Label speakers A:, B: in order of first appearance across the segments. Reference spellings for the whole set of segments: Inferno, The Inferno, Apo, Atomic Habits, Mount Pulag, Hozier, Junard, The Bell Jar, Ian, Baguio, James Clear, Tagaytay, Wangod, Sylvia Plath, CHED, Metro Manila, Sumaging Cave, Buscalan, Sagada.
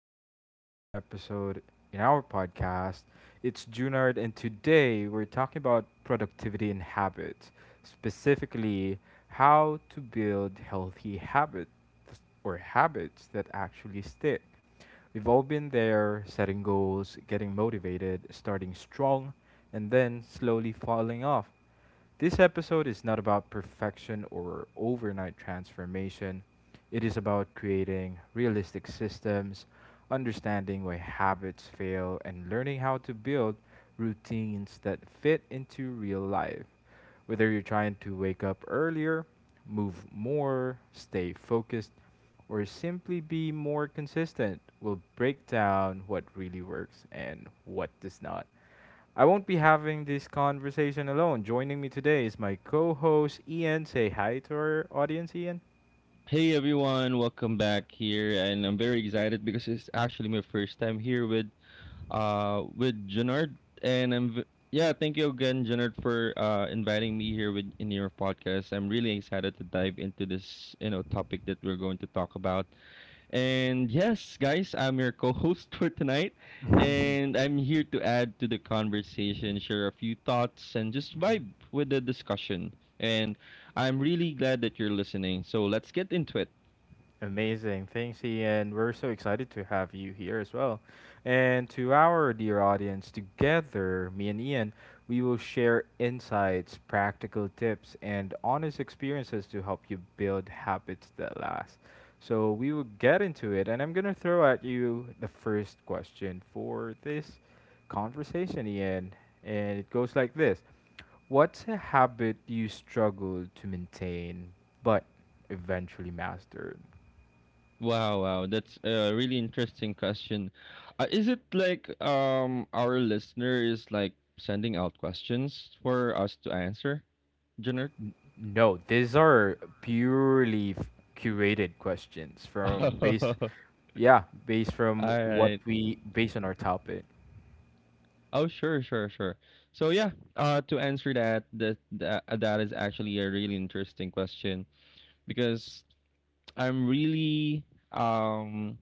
A: again for another episode in our podcast. It's Junard and today we're talking about productivity and habits, specifically how to build healthy habits or habits that actually stick. We've all been there, setting goals, getting motivated, starting strong, and then slowly falling off. This episode is not about perfection or overnight transformation. It is about creating realistic systems, understanding why habits fail, and learning how to build routines that fit into real life. Whether you're trying to wake up earlier, move more, stay focused, or simply be more consistent, we'll break down what really works and what does not. I won't be having this conversation alone. Joining me today is my co host, Ian. Say hi to our audience, Ian.
B: Hey everyone, welcome back here, and I'm very excited because it's actually my first time here with with Junard, and I'm v- yeah, thank you again, Junard, for inviting me here with in your podcast. I'm really excited to dive into this topic that we're going to talk about, and yes, guys, I'm your co-host for tonight, and I'm here to add to the conversation, share a few thoughts, and just
A: Mhm.
B: vibe with the discussion. And I'm really glad that you're listening. So let's get into it.
A: Amazing. Thanks, Ian. We're so excited to have you here as well. And to our dear audience, together, me and Ian, we will share insights, practical tips, and honest experiences to help you build habits that last. So we will get into it, and I'm going to throw at you the first question for this conversation, Ian. And it goes like this: what's a habit you struggled to maintain but eventually mastered?
B: Wow, that's a really interesting question. Is it like our listener is like sending out questions for us to answer, Jenner?
A: No, these are curated questions from base
B: All
A: yeah, based from what
B: right.
A: we based on our topic.
B: Oh, sure. So yeah, to answer that is actually a really interesting question because I'm really um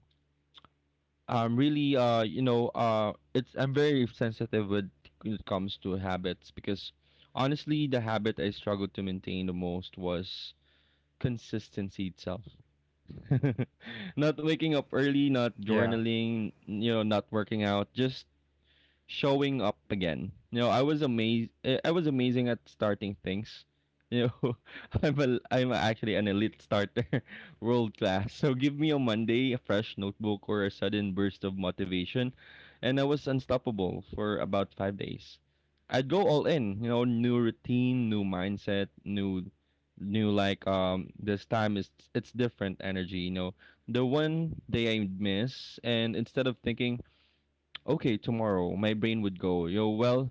B: I'm really you know it's I'm very sensitive with when it comes to habits because honestly the habit I struggled to maintain the most was consistency itself. Not waking up early, not
A: Yeah.
B: journaling, you know, not working out, just showing up again. You know, I was amazed. I was amazing at starting things. You know, I'm actually an elite starter, world class. So give me a Monday, a fresh notebook, or a sudden burst of motivation, and I was unstoppable for about five days. I'd go all in. You know, new routine, new mindset, new this time is it's different energy, you know. The one day I miss, and instead of thinking okay, tomorrow, my brain would go, yo, well,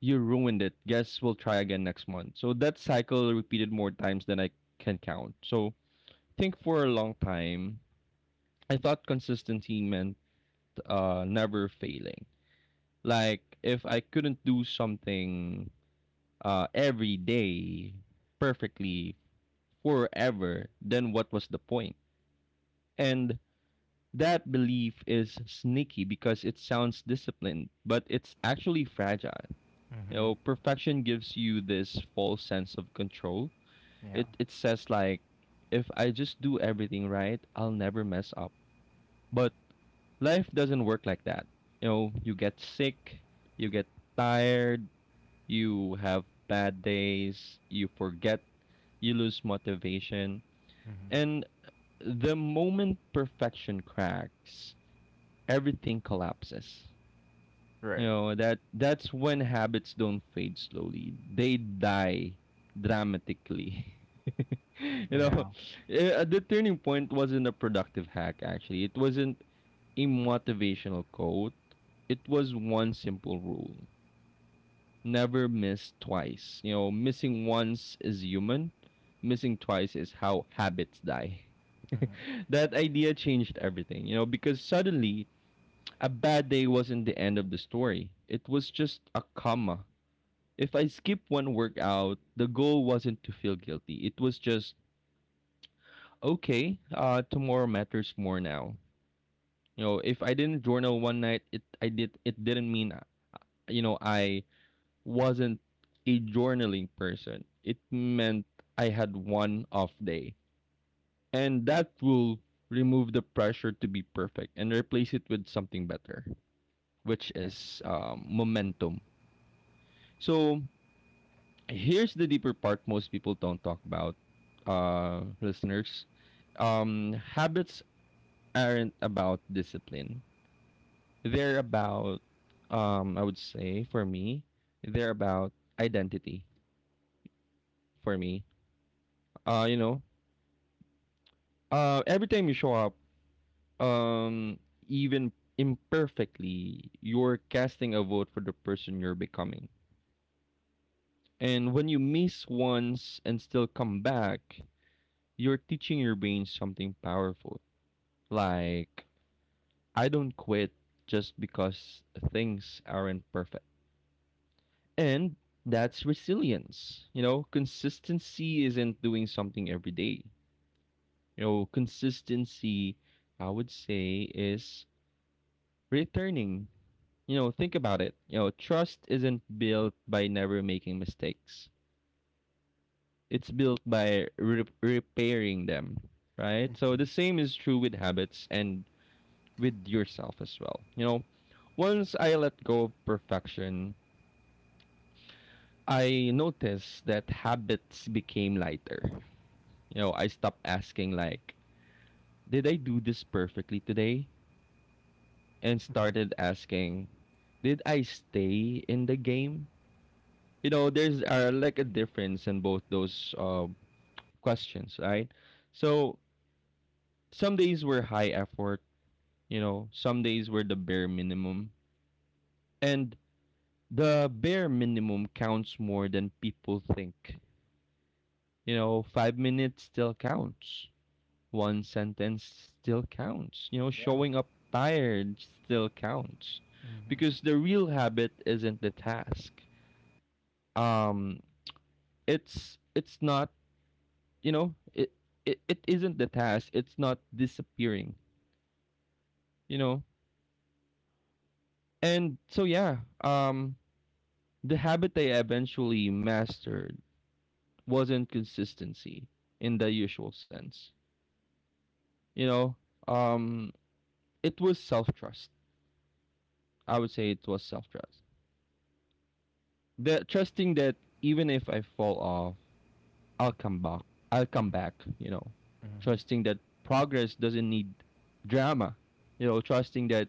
B: you ruined it. Guess we'll try again next month. So that cycle repeated more times than I can count. So think for a long time, I thought consistency meant never failing. Like if I couldn't do something every day perfectly forever, then what was the point? And that belief is sneaky because it sounds disciplined, but it's actually fragile. You
A: Mm-hmm.
B: know, perfection gives you this false sense of control.
A: Yeah.
B: It says like if I just do everything right, I'll never mess up. But life doesn't work like that. You know, you get sick, you get tired, you have bad days, you forget, you lose motivation.
A: Mm-hmm.
B: And the moment perfection cracks, everything collapses. You
A: Right.
B: know, that's when habits don't fade slowly. They die dramatically. You know,
A: Yeah.
B: the turning point wasn't a productive hack actually. It wasn't a motivational quote. It was one simple rule. Never miss twice. You know, missing once is human. Missing twice is how habits die.
A: Mm-hmm.
B: That idea changed everything, you know, because suddenly a bad day wasn't the end of the story. It was just a comma. If I skipped one workout, the goal wasn't to feel guilty. It was just, okay, tomorrow matters more now. You know, if I didn't journal one night, it didn't mean you know I wasn't a journaling person. It meant I had one off day, and that will remove the pressure to be perfect and replace it with something better, which
A: Yeah.
B: is momentum. So here's the deeper part most people don't talk about, listeners. Habits aren't about discipline, they're about I would say for me they're about identity for me. uh you know every time you show up, um even imperfectly, you're casting a vote for the person you're becoming. And when you miss once and still come back, you're teaching your brain something powerful. Like, I don't quit just because things aren't perfect. And that's resilience. You know, consistency isn't doing something every day. You know, consistency, I would say, is returning. You know, think about it. You know, trust isn't built by never making mistakes, it's built by repairing them, right? So the same is true with habits and with yourself as well. You know, once I let go of perfection, I noticed that habits became lighter. You know, I stopped asking like, did I do this perfectly today? And started
A: Mm-hmm.
B: asking, did I stay in the game? You know, there's like a difference in both those questions, right? So some days were high effort, you know, some days were the bare minimum. And the bare minimum counts more than people think. You know, five minutes still counts. One sentence still counts. You know, showing up tired still counts. Because the real habit isn't the task. Um it's not you know, it isn't the task. It's not disappearing, you know? And so yeah, um the habit I eventually mastered wasn't consistency in the usual sense, you know. um it was self trust, I would say. It was self trust, the trusting that even if I fall off, i'll come back i'll come back, you know.
A: Mm-hmm.
B: Trusting that progress doesn't need drama, you know. Trusting that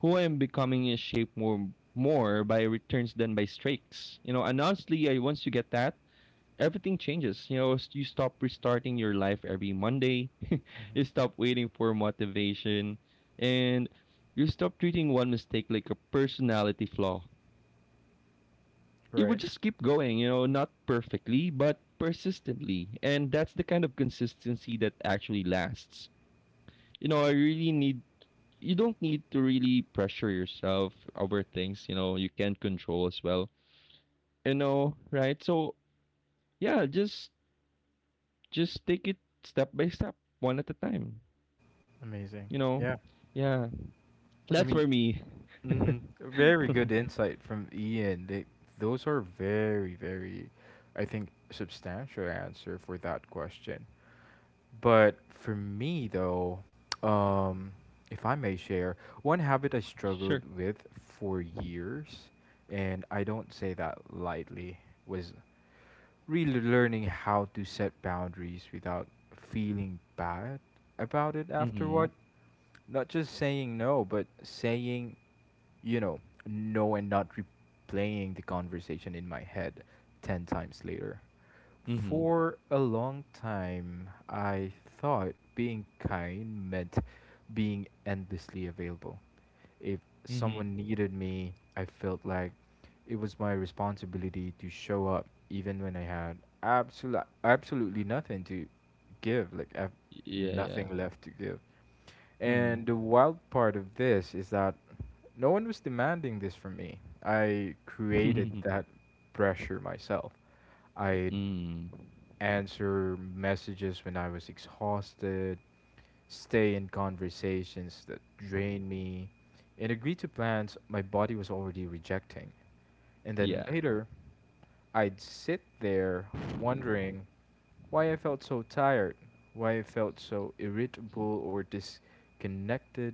B: who I am becoming is shaped more by returns than by streaks, you know. And honestly, once you get that everything changes. You know, you stop restarting your life every Monday. You stop waiting for motivation, and you stop treating one mistake like a personality flaw. It would
A: Right.
B: just keep going. You know, not perfectly, but persistently, and that's the kind of consistency that actually lasts. You know, I really need. You don't need to really pressure yourself over things you know you can't control as well. You know, right? So yeah, just take it step by step, one at a time.
A: Amazing.
B: You know,
A: Yeah.
B: yeah, that's for me.
A: Hmm. Very good insight from Ian. Those are very, very, I think, substantial answer for that question. But for me, though, um, if I may share, one habit I struggled
B: Sure.
A: with for years, and I don't say that lightly, was really learning how to set boundaries without feeling bad about it
B: Mm-hmm.
A: afterward. Not just saying no, but saying, you know, no and not replaying the conversation in my head 10 times later.
B: Mm-hmm.
A: For a long time, I thought being kind meant being endlessly available. If
B: Mm-hmm.
A: someone needed me, I felt like it was my responsibility to show up even when I had absolutely nothing to give, like I've
B: Yeah, yeah.
A: nothing left to give.
B: Mm-hmm.
A: And the wild part of this is that no one was demanding this from me. I created that pressure myself. I'd
B: mm.
A: answer messages when I was exhausted, stay in conversations that drained me, and agree to plans my body was already rejecting. And then
B: Yeah.
A: later, I'd sit there wondering why I felt so tired, why I felt so irritable or disconnected,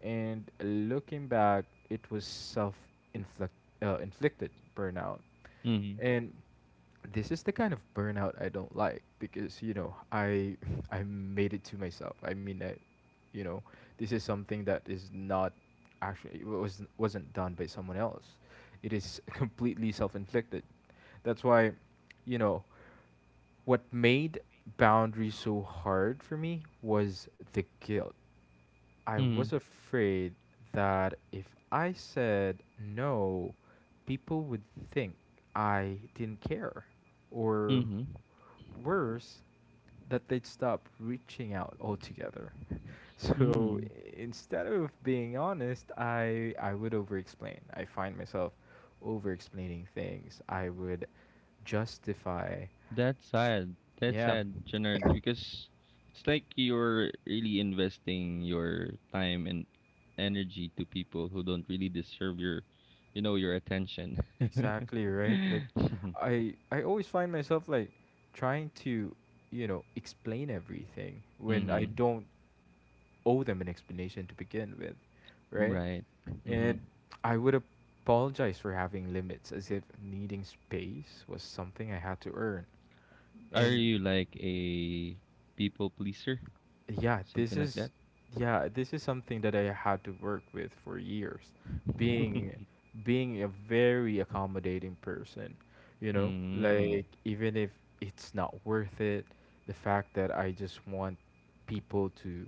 A: and looking back, it was self inflicted burnout.
B: Mm-hmm.
A: And this is the kind of burnout I don't like because, you know, I I made it to myself. I mean, I, you know, this is something that is not actually It was wasn't done by someone else. It is completely self-inflicted. That's why, you know, what made boundaries so hard for me was the guilt. I
B: Mm-hmm.
A: was afraid that if I said no, people would think I didn't care, or
B: Mm-hmm.
A: worse, that they'd stop reaching out altogether. So
B: Mm-hmm.
A: instead of being honest, I would over-explain. I find myself over-explaining things. I would justify.
B: That's sad. That's
A: Yeah.
B: sad, Janard, because it's like you're really investing your time and energy to people who don't really deserve your, you know, your attention.
A: Exactly, right? Like
B: Mm-hmm.
A: I always find myself like trying to, you know, explain everything when I don't owe them an explanation to begin with, right?
B: Right. Mm-hmm.
A: And I would apologize for having limits as if needing space was something I had to earn.
B: Are
A: And
B: you like a people pleaser?
A: yeah this
B: Something like
A: is
B: that?
A: yeah this is something that I had to work with for years, being being a very accommodating person, you know,
B: Mm.
A: like even if it's not worth it, the fact that I just want people to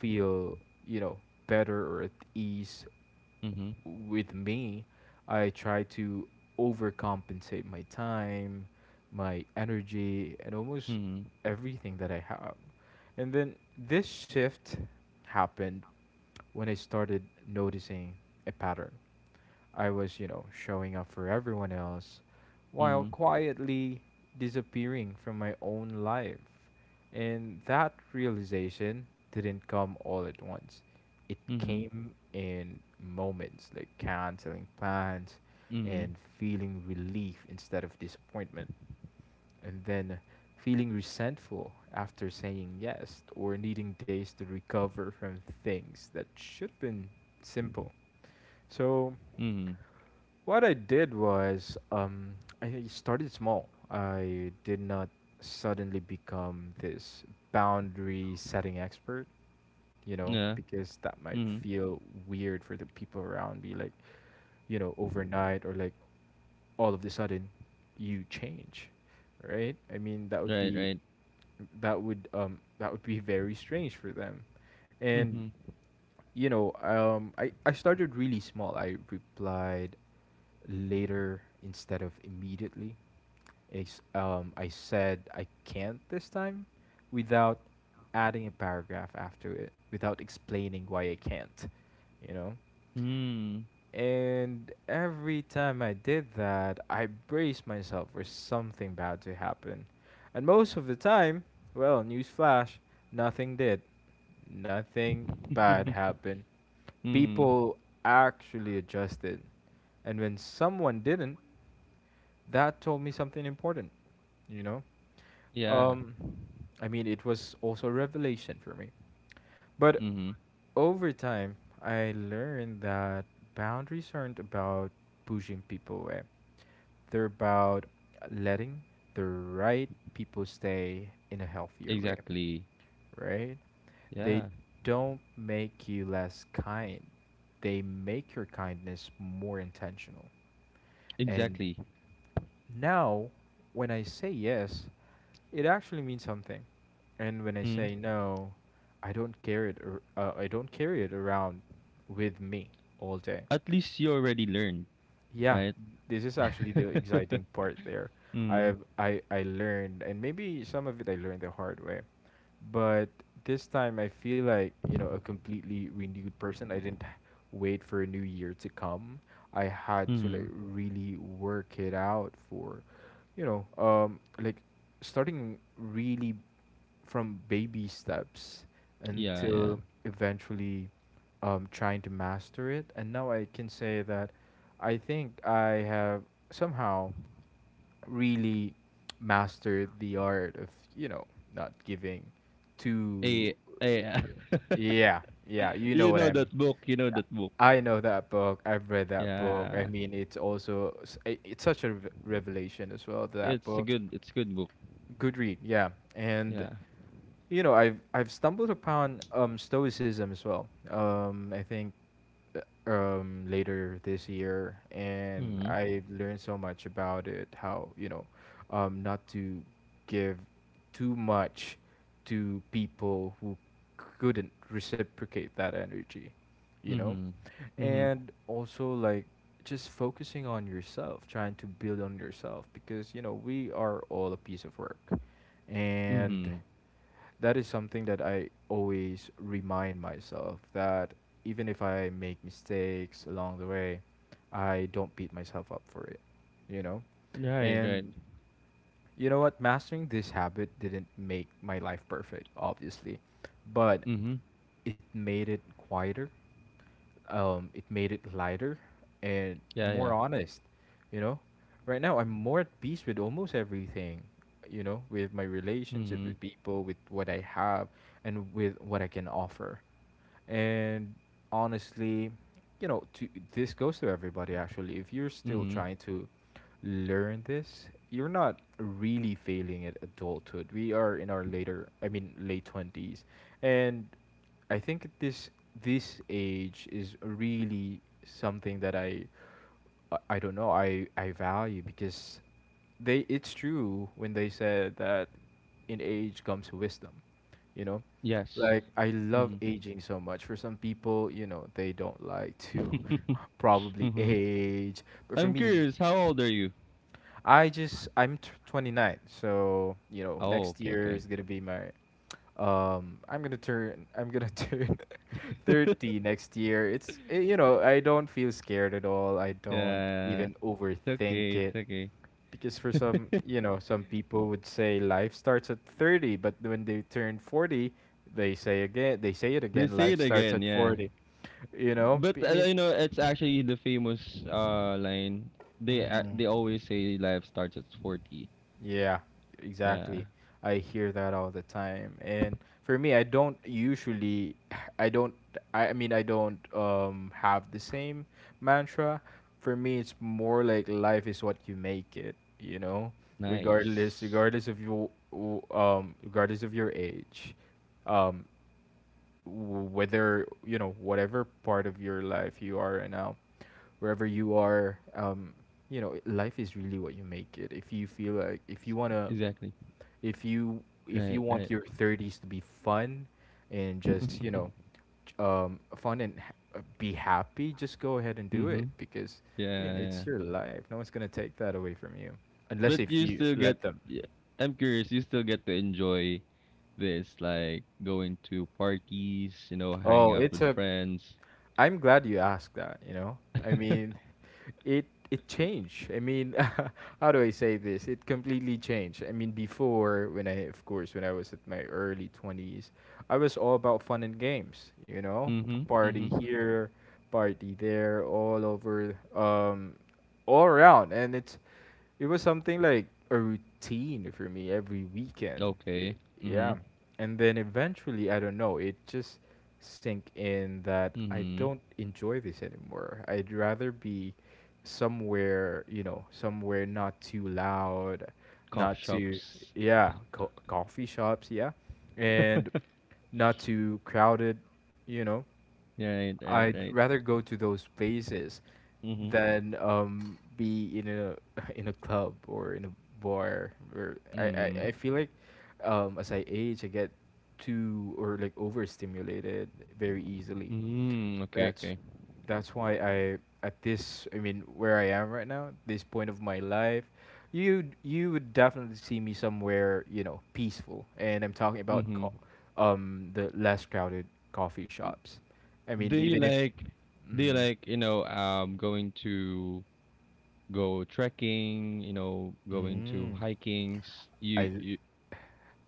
A: feel, you know, better or at ease
B: Mm-hmm.
A: with me, I try to overcompensate my time, my energy, and almost
B: Mm-hmm.
A: everything that I have. And then this shift happened when I started noticing a pattern. I was, you know, showing up for everyone else while
B: Mm-hmm.
A: quietly disappearing from my own life. And that realization didn't come all at once, it
B: Mm-hmm.
A: came in moments like canceling plans
B: Mm-hmm.
A: and feeling relief instead of disappointment, and then feeling resentful after saying yes or needing days to recover from things that should have been simple. So,
B: Mm-hmm.
A: what I did was I started small. I did not suddenly become this boundary setting expert, you know,
B: Yeah.
A: because that might
B: Mm-hmm.
A: feel weird for the people around me, like, you know, overnight or like all of the sudden you change, right? I mean, that would
B: Right,
A: be
B: right.
A: that would be very strange for them. And
B: Mm-hmm.
A: you know, I started really small. I replied later instead of immediately. I said I can't this time without adding a paragraph after it, without explaining why I can't, you know?
B: Mm.
A: And every time I did that, I braced myself for something bad to happen. And most of the time, well, newsflash, nothing did. Nothing bad happened.
B: Mm-hmm.
A: People actually adjusted. And when someone didn't, that told me something important, you know?
B: Yeah.
A: Um, I mean, it was also a revelation for me. But
B: Mm-hmm.
A: over time, I learned that boundaries aren't about pushing people away. They're about letting the right people stay in a healthier way,
B: Exactly.
A: right? They
B: Yeah.
A: don't make you less kind. They make your kindness more intentional. And
B: Exactly.
A: now, when I say yes, it actually means something. And when I
B: Mm-hmm.
A: say no, I don't carry it around with me all day.
B: At least you already learned,
A: Yeah,
B: right?
A: this is actually the exciting part there.
B: Mm-hmm.
A: I learned, and maybe some of it I learned the hard way. But this time I feel like, you know, a completely renewed person. I didn't wait for a new year to come. I had to
B: Mm-hmm.
A: like really work it out for, you know, like starting really from baby steps
B: Yeah, yeah.
A: until eventually trying to master it. And now I can say that I think I have somehow really mastered the art of, you know, not giving too...
B: Eh, eh.
A: Yeah, yeah, you know
B: You
A: what
B: know
A: I'm
B: that book. You know that book.
A: I know that book, I've read that book. I
B: Yeah.
A: mean, it's it's such a revelation as well, that
B: It's a
A: book.
B: good it's a good book.
A: Good read, yeah. And
B: Yeah.
A: you know, I've stumbled upon stoicism as well, I think later this year, and
B: Mhm.
A: I learned so much about it. How, you know, not to give too much to people who couldn't reciprocate that energy, you know.
B: Mhm. Mhm.
A: And also like just focusing on yourself, trying to build on yourself, because you know, we are all a piece of work. And
B: Mhm.
A: that is something that I always remind myself, that even if I make mistakes along the way, I don't beat myself up for it, you know.
B: Right,
A: And
B: right.
A: you know what, mastering this habit didn't make my life perfect obviously, but
B: Mhm.
A: it made it quieter, it made it lighter and
B: Yeah,
A: more
B: yeah.
A: honest. You know, right now I'm more at peace with almost everything. You know, with my relationship with
B: Mhm.
A: people, with what I have, and with what I can offer. And honestly, you know, this goes to everybody actually. If you're still
B: Mhm.
A: trying to learn this, you're not really failing at adulthood. We are in our late 20s. And I think this age is really something that I don't know I value, because they it's true when they said that in age comes wisdom, you know.
B: Yes.
A: Like I love
B: Mhm.
A: aging so much. For some people, you know, they don't like to
B: Mhm.
A: probably age, but for
B: I'm
A: me,
B: curious, how old are you?
A: I'm 29, so you know
B: Oh,
A: next
B: okay,
A: year
B: okay.
A: is gonna be my I'm gonna turn 30 next year. It's you know I don't feel scared at all. I don't
B: Yeah.
A: even
B: It's
A: overthink
B: okay.
A: it,
B: It's okay.
A: because for some, you know, some people would say life starts at 30, but when they turn 40, they say again, they say it
B: They
A: again
B: say
A: life
B: it
A: starts
B: again,
A: at
B: yeah.
A: 40. You know
B: But
A: I mean.
B: you know, it's actually the famous line. They a
A: Mhm.
B: they always say life starts at 40.
A: Yeah,
B: Yeah,
A: exactly. I hear that all the time. And for me, I don't usually, I don't, I mean, I don't have the same mantra. For me, it's more like life is what you make it, you know,
B: nice.
A: regardless of your, regardless of your age, um, whether, you know, whatever part of your life you are right now, wherever you are, you know, life is really what you make it. If you feel like,
B: Exactly.
A: if you
B: Right,
A: want
B: right.
A: your 30s to be fun and just, you know, fun and be happy, just go ahead and do it,
B: Mhm.
A: because
B: Yeah,
A: again,
B: yeah.
A: it's your life. No one's going to take that away from you unless
B: But
A: if
B: you
A: you
B: still get
A: let them.
B: yeah, I'm curious, you still get to enjoy this like going to parties, you know, hanging
A: Oh,
B: out
A: it's
B: with
A: a...
B: friends.
A: I'm glad you asked that, you know? I mean, it it changed. I mean, how do I say this? It completely changed. I mean, before when I was at my early 20s, I was all about fun and games, you know?
B: Mhm.
A: Party
B: Mhm.
A: here, party there, all over all around. And it was something like a routine for me every weekend.
B: Okay.
A: Yeah.
B: Mhm.
A: And then eventually, I don't know, it just sink in that I
B: Mhm.
A: don't enjoy this anymore. I'd rather be somewhere, you know, somewhere not too loud,
B: Coffee
A: not
B: shops.
A: yeah, coffee shops, yeah. And not too crowded, you know.
B: Right, right,
A: I'd
B: right.
A: rather go to those places
B: Mhm.
A: than be in a in a club or in a bar or
B: Mhm.
A: I feel like as I age I get too or like overstimulated very easily.
B: Mhm. Okay,
A: That's
B: okay.
A: that's why I at this I mean where I am right now, this point of my life, you would definitely see me somewhere, you know, peaceful. And I'm talking about
B: Mhm.
A: the less crowded coffee shops. I
B: Do
A: mean
B: you
A: even if
B: like do you
A: mm,
B: like, you know, going to go trekking, you know, going to
A: mm,
B: hikings. You,
A: I
B: you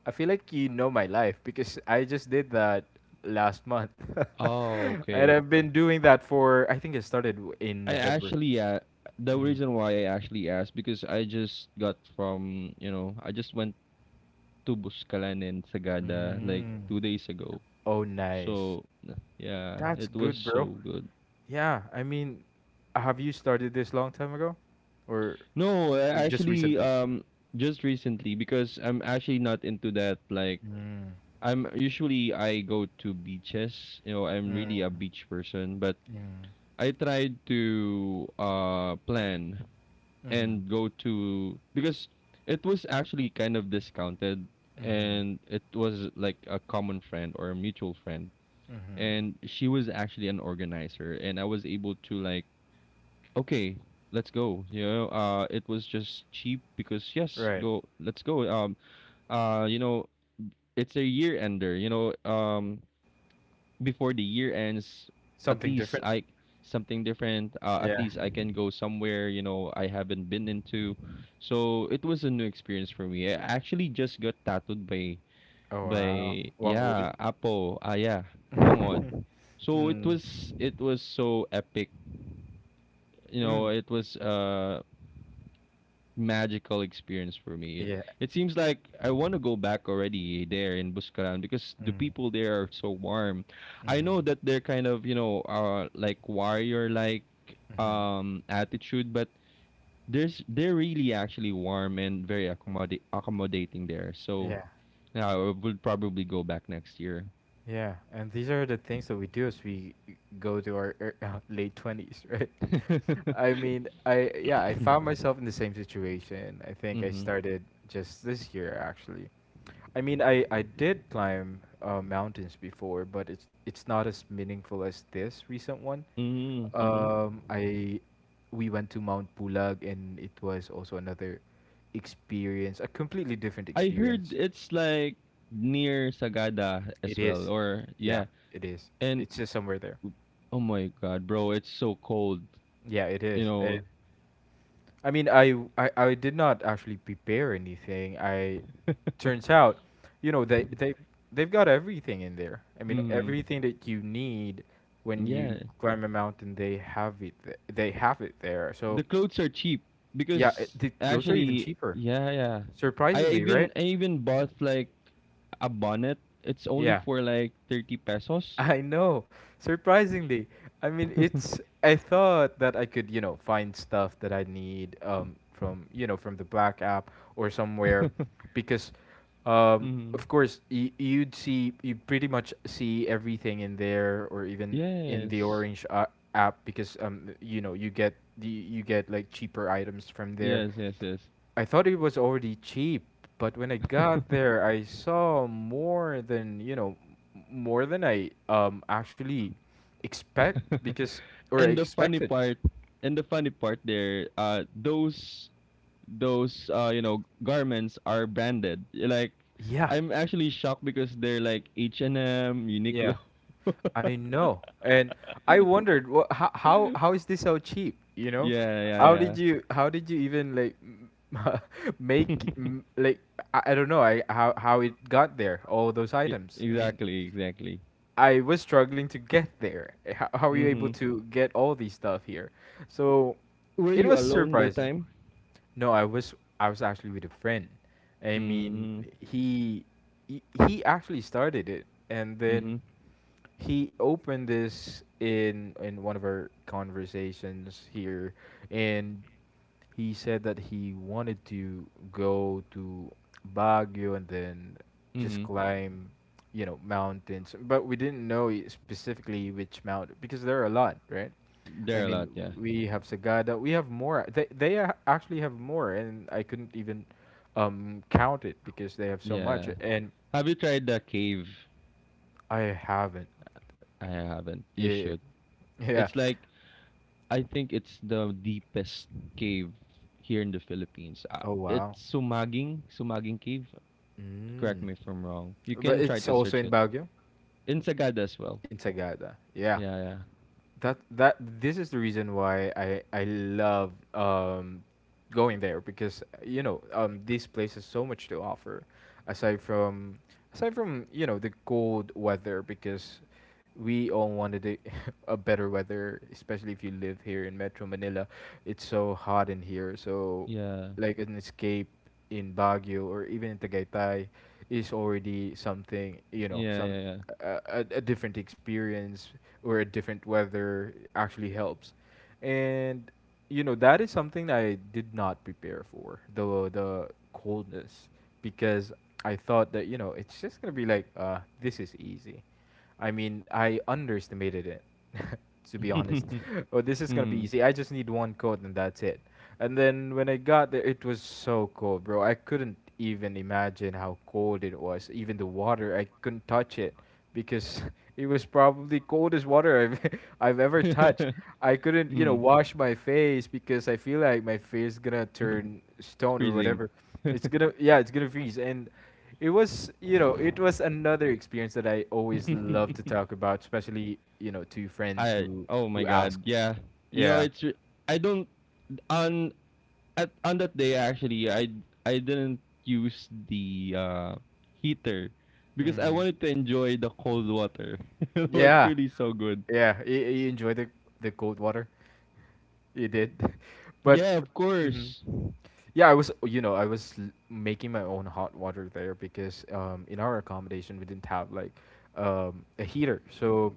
A: I feel like you know my life because I just did that last month.
B: oh,
A: And
B: okay.
A: I've been doing that for, I think it started in
B: I
A: November.
B: actually, yeah, the
A: Mm.
B: reason why I actually asked because I just got from, you know, I just went to Buscalan and Sagada like
A: Mm.
B: two days ago.
A: Oh, nice.
B: So yeah,
A: That's
B: it was
A: good, bro.
B: so good.
A: Yeah, I mean, have you started this long time ago or
B: No,
A: just
B: actually,
A: recently?
B: just recently, because I'm actually not into that. Like,
A: Mm.
B: I go to beaches. You know, I'm
A: Mm.
B: really a beach person, but
A: Mm.
B: I tried to plan
A: Mm.
B: and go to because it was actually kind of discounted
A: Mm.
B: and it was like a common friend or a mutual friend
A: Mm.
B: and she was actually an organizer and I was able to like okay let's go, you know. It was just cheap, because yes
A: Right.
B: go let's go. You know, it's a year ender, you know. Before the year ends, at
A: Something
B: least
A: different?
B: I something different. At
A: Yeah.
B: least I can go somewhere you know I haven't been into. So it was a new experience for me. I actually just got tattooed by
A: Oh, wow. Wang
B: Apo ah yeah Wangod.
A: Ul.
B: So it
A: Mm.
B: was it was so epic. You know,
A: Mm.
B: it was magical experience for me.
A: Yeah.
B: It seems like I want to go back already there in Buscaran because the
A: Mm.
B: people there are so warm. I know
A: Mhm.
B: that they're kind of, you know, like warrior like
A: Mhm.
B: attitude, but there's they're really actually warm and very accommodate accommodating there. So
A: Yeah.
B: yeah, I would probably go back next year.
A: Yeah, and these are the things that we do as we go to our late 20s, right? I mean, I yeah, I found myself in the same situation. I think I
B: Mm-hmm.
A: started just this year actually. I mean, I did climb mountains before, but it's not as meaningful as this recent one.
B: Mm-hmm.
A: I we went to Mount Pulag and it was also another experience, a completely different
B: I heard
A: experience.
B: it's like near Sagada as
A: It
B: well,
A: is.
B: or
A: Yeah,
B: yeah.
A: it is.
B: And
A: It's just somewhere there.
B: oh my god, bro, it's so cold.
A: Yeah, it is.
B: You know.
A: I mean, I did not actually prepare anything. I Turns out, you know, they've got everything in there. I mean,
B: Mhm.
A: everything that you need when you
B: Yeah.
A: climb a mountain, they have it. They have it there. So,
B: The clothes are cheap
A: yeah,
B: because
A: the clothes are even
B: actually,
A: cheaper.
B: yeah, yeah.
A: Surprisingly, right?
B: I even bought like a bonnet. It's only
A: Yeah.
B: for like 30 pesos.
A: I know. Surprisingly. I mean, it's I thought that I could, you know, find stuff that I need from, you know, from the Black app or somewhere because
B: Mhm.
A: of course you'd see you pretty much see everything in there or even in the
B: Yes.
A: Orange app because you know, you get the you get like cheaper items from there.
B: Yes, yes, yes.
A: I thought it was already cheap, but when I got there, I saw more than, you know, more than I actually expect because or I
B: And the funny
A: expected.
B: part, and the funny part there, those you know garments are branded. Like
A: Yeah.
B: I'm actually shocked because they're like H&M, Uniqlo.
A: Yeah. I know. And I wondered what how
B: Yeah,
A: how is this so cheap, you know?
B: yeah,
A: How did
B: yeah.
A: you even like make like I don't know, I how it got there, all those items. I mean,
B: Exactly, exactly.
A: I was struggling to get there. Eh, how were you able
B: Mhm.
A: to get all these stuff here? So
B: Were
A: it
B: you
A: was
B: alone that
A: surprising.
B: time?
A: No, I was actually with a friend. I mean,
B: Mm,
A: he he, he actually started it, and then
B: mhm.
A: he opened this in one of our conversations here, and he said that he wanted to go to Baguio and then just
B: Mhm.
A: climb, you know, mountains. But we didn't know specifically which mountain because there are a lot, right?
B: There
A: I
B: are a
A: mean,
B: lot, yeah.
A: we have Sagada. We have more. They a- actually have more, and I couldn't even count it because they have so much,
B: Yeah.
A: and
B: Have you tried the cave?
A: I haven't.
B: I haven't. You
A: Yeah,
B: should.
A: yeah.
B: It's like I think it's the deepest cave here in the Philippines. Uh,
A: Oh wow.
B: it's Sumaging, Sumaging Cave. Correct
A: Mm.
B: me if I'm wrong. You
A: But
B: can try
A: it's
B: to
A: also
B: search
A: in
B: it.
A: Baguio,
B: In Sagada as well.
A: in Sagada. Yeah.
B: Yeah,
A: That that this is the reason why I love going there because you know this place has so much to offer aside from aside from you know the cold weather because we all wanted a better weather, especially if you live here in Metro Manila. It's so hot in here, so
B: yeah. Yeah.
A: like an escape in Baguio or even in Tagaytay is already something, you know,
B: Yeah,
A: some
B: yeah,
A: a different experience or a different weather actually helps. And you know that is something I did not prepare for, the coldness, because I thought that you know it's just gonna be like this is easy. I mean I underestimated it to be honest.
B: yeah.
A: Oh this is gonna be
B: Mm.
A: easy. I just need one coat and that's it. And then when I got there, it was so cold, bro. I couldn't even imagine how cold it was. Even the water, I couldn't touch it because it was probably coldest water I've I've ever touched. I couldn't, you know,
B: Mm.
A: wash my face because I feel like my face gonna turn
B: It's
A: stone or
B: freezing.
A: whatever. Yeah, it's gonna freeze. And it was, you know, it was another experience that I always love to talk about, especially, you know, to friends
B: I oh my
A: who ask.
B: god. Yeah. You know,
A: Yeah.
B: it's re- I don't on at on that day actually I didn't use the heater because I
A: Hmm.
B: wanted to enjoy the cold water. You know, it's
A: Yeah.
B: really so good.
A: Yeah. You enjoy the cold water. You did, but
B: Yeah,
A: f
B: of
A: mhm.
B: course.
A: Yeah, I was, you know, making my own hot water there because in our accommodation we didn't have like a heater, so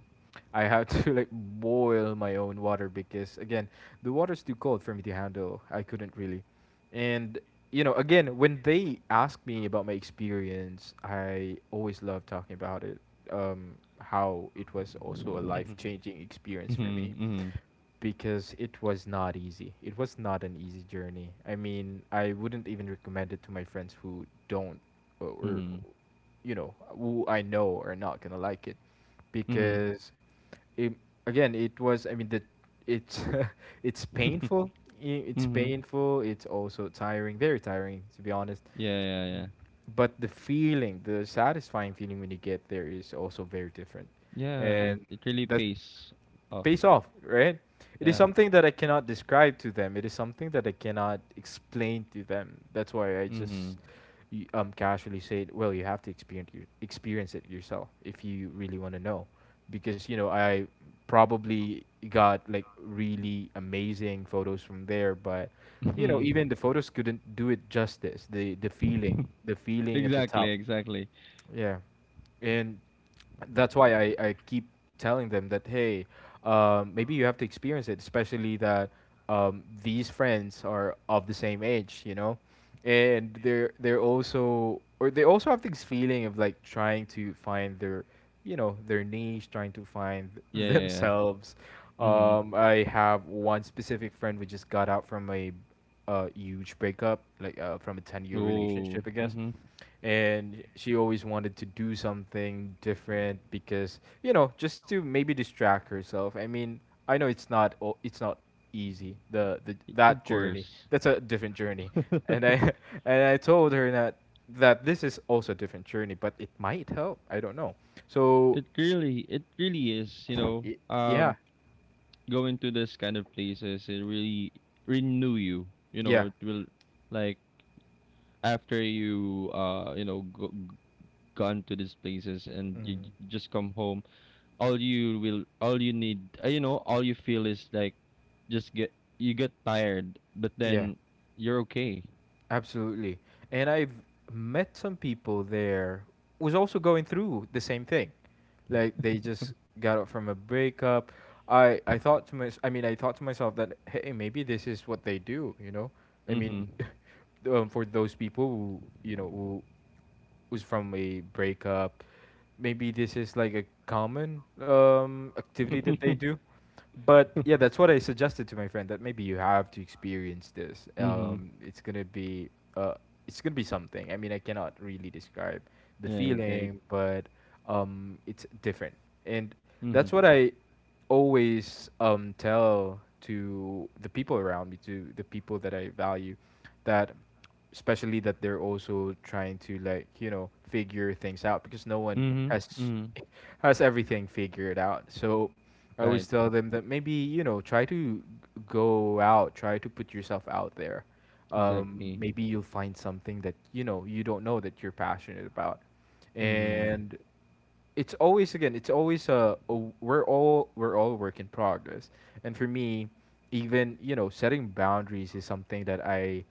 A: I had to like boil my own water because again the water's too cold for me to handle. I couldn't really. And you know, again, when they ask me about my experience, I always love talking about it. Um, how it was also a life-changing experience
B: Mm-hmm,
A: for me
B: mm-hmm.
A: because it was not easy. It was not an easy journey. I mean, I wouldn't even recommend it to my friends who don't or
B: Mhm.
A: you know who I know are not gonna like it
B: Mhm.
A: because it, again it was I mean the it's it's painful it's
B: Mhm.
A: painful, it's also tiring, very tiring to be honest,
B: Yeah, yeah, yeah.
A: but the feeling, the satisfying feeling when you get there is also very different,
B: Yeah,
A: and
B: it really
A: that
B: pays
A: it
B: off.
A: pays off, right? It is
B: Yeah.
A: something that I cannot describe to them. It is something that I cannot explain to them. That's why I just
B: Mhm.
A: casually say, well, you have to experience it yourself if you really want to know, because you know I probably got like really amazing photos from there, but you know
B: Mhm.
A: even the photos couldn't do it justice. The feeling at the
B: Exactly,
A: top.
B: exactly.
A: Yeah, and that's why I keep telling them that hey, maybe you have to experience it, especially that these friends are of the same age, you know, and they also have this feeling of like trying to find their you know their niche, trying to find
B: Yeah, yeah, yeah.
A: themselves.
B: Mhm.
A: I have one specific friend who just got out from a huge breakup, like from a 10 year
B: Oh.
A: relationship, I guess,
B: Mhm.
A: and she always wanted to do something different because you know just to maybe distract herself. I mean, I know it's not easy, the
B: Of
A: that journey,
B: course.
A: that's a different journey, and I and I told her that that this is also a different journey but it might help, I don't know, so
B: It really is, you know,
A: y- yeah.
B: going to this kind of places it really renew you. You know,
A: Yeah.
B: it will like after you you know gone to these places and you
A: Mm,
B: just come home all you need you know all you feel is like just get you get tired but
A: yeah.
B: then you're okay.
A: Absolutely. And I've met some people there was also going through the same thing. Like they just got up from a breakup. I thought to I mean I thought to myself that hey maybe this is what they do, you know? I mean
B: Mhm,
A: for those people who, you know, who was from a breakup, maybe this is like a common activity that they
B: mhm.
A: do. But yeah, that's what I suggested to my friend that maybe you have to experience this. Uh, it's gonna be something. I mean, I cannot really describe the
B: Right, right.
A: feeling, but it's different, and that's
B: Mhm,
A: what I always tell to the people around me, to the people that I value, that especially that they're also trying to like you know figure things out because no one
B: mhm.
A: has
B: Mhm.
A: has everything figured out. So I always
B: Right.
A: tell them that maybe you know go out, try to put yourself out there.
B: Exactly.
A: Maybe you'll find something that you know you don't know that you're passionate about,
B: Mhm.
A: and it's always again it's always a we're all work in progress, and for me even you know setting boundaries is something that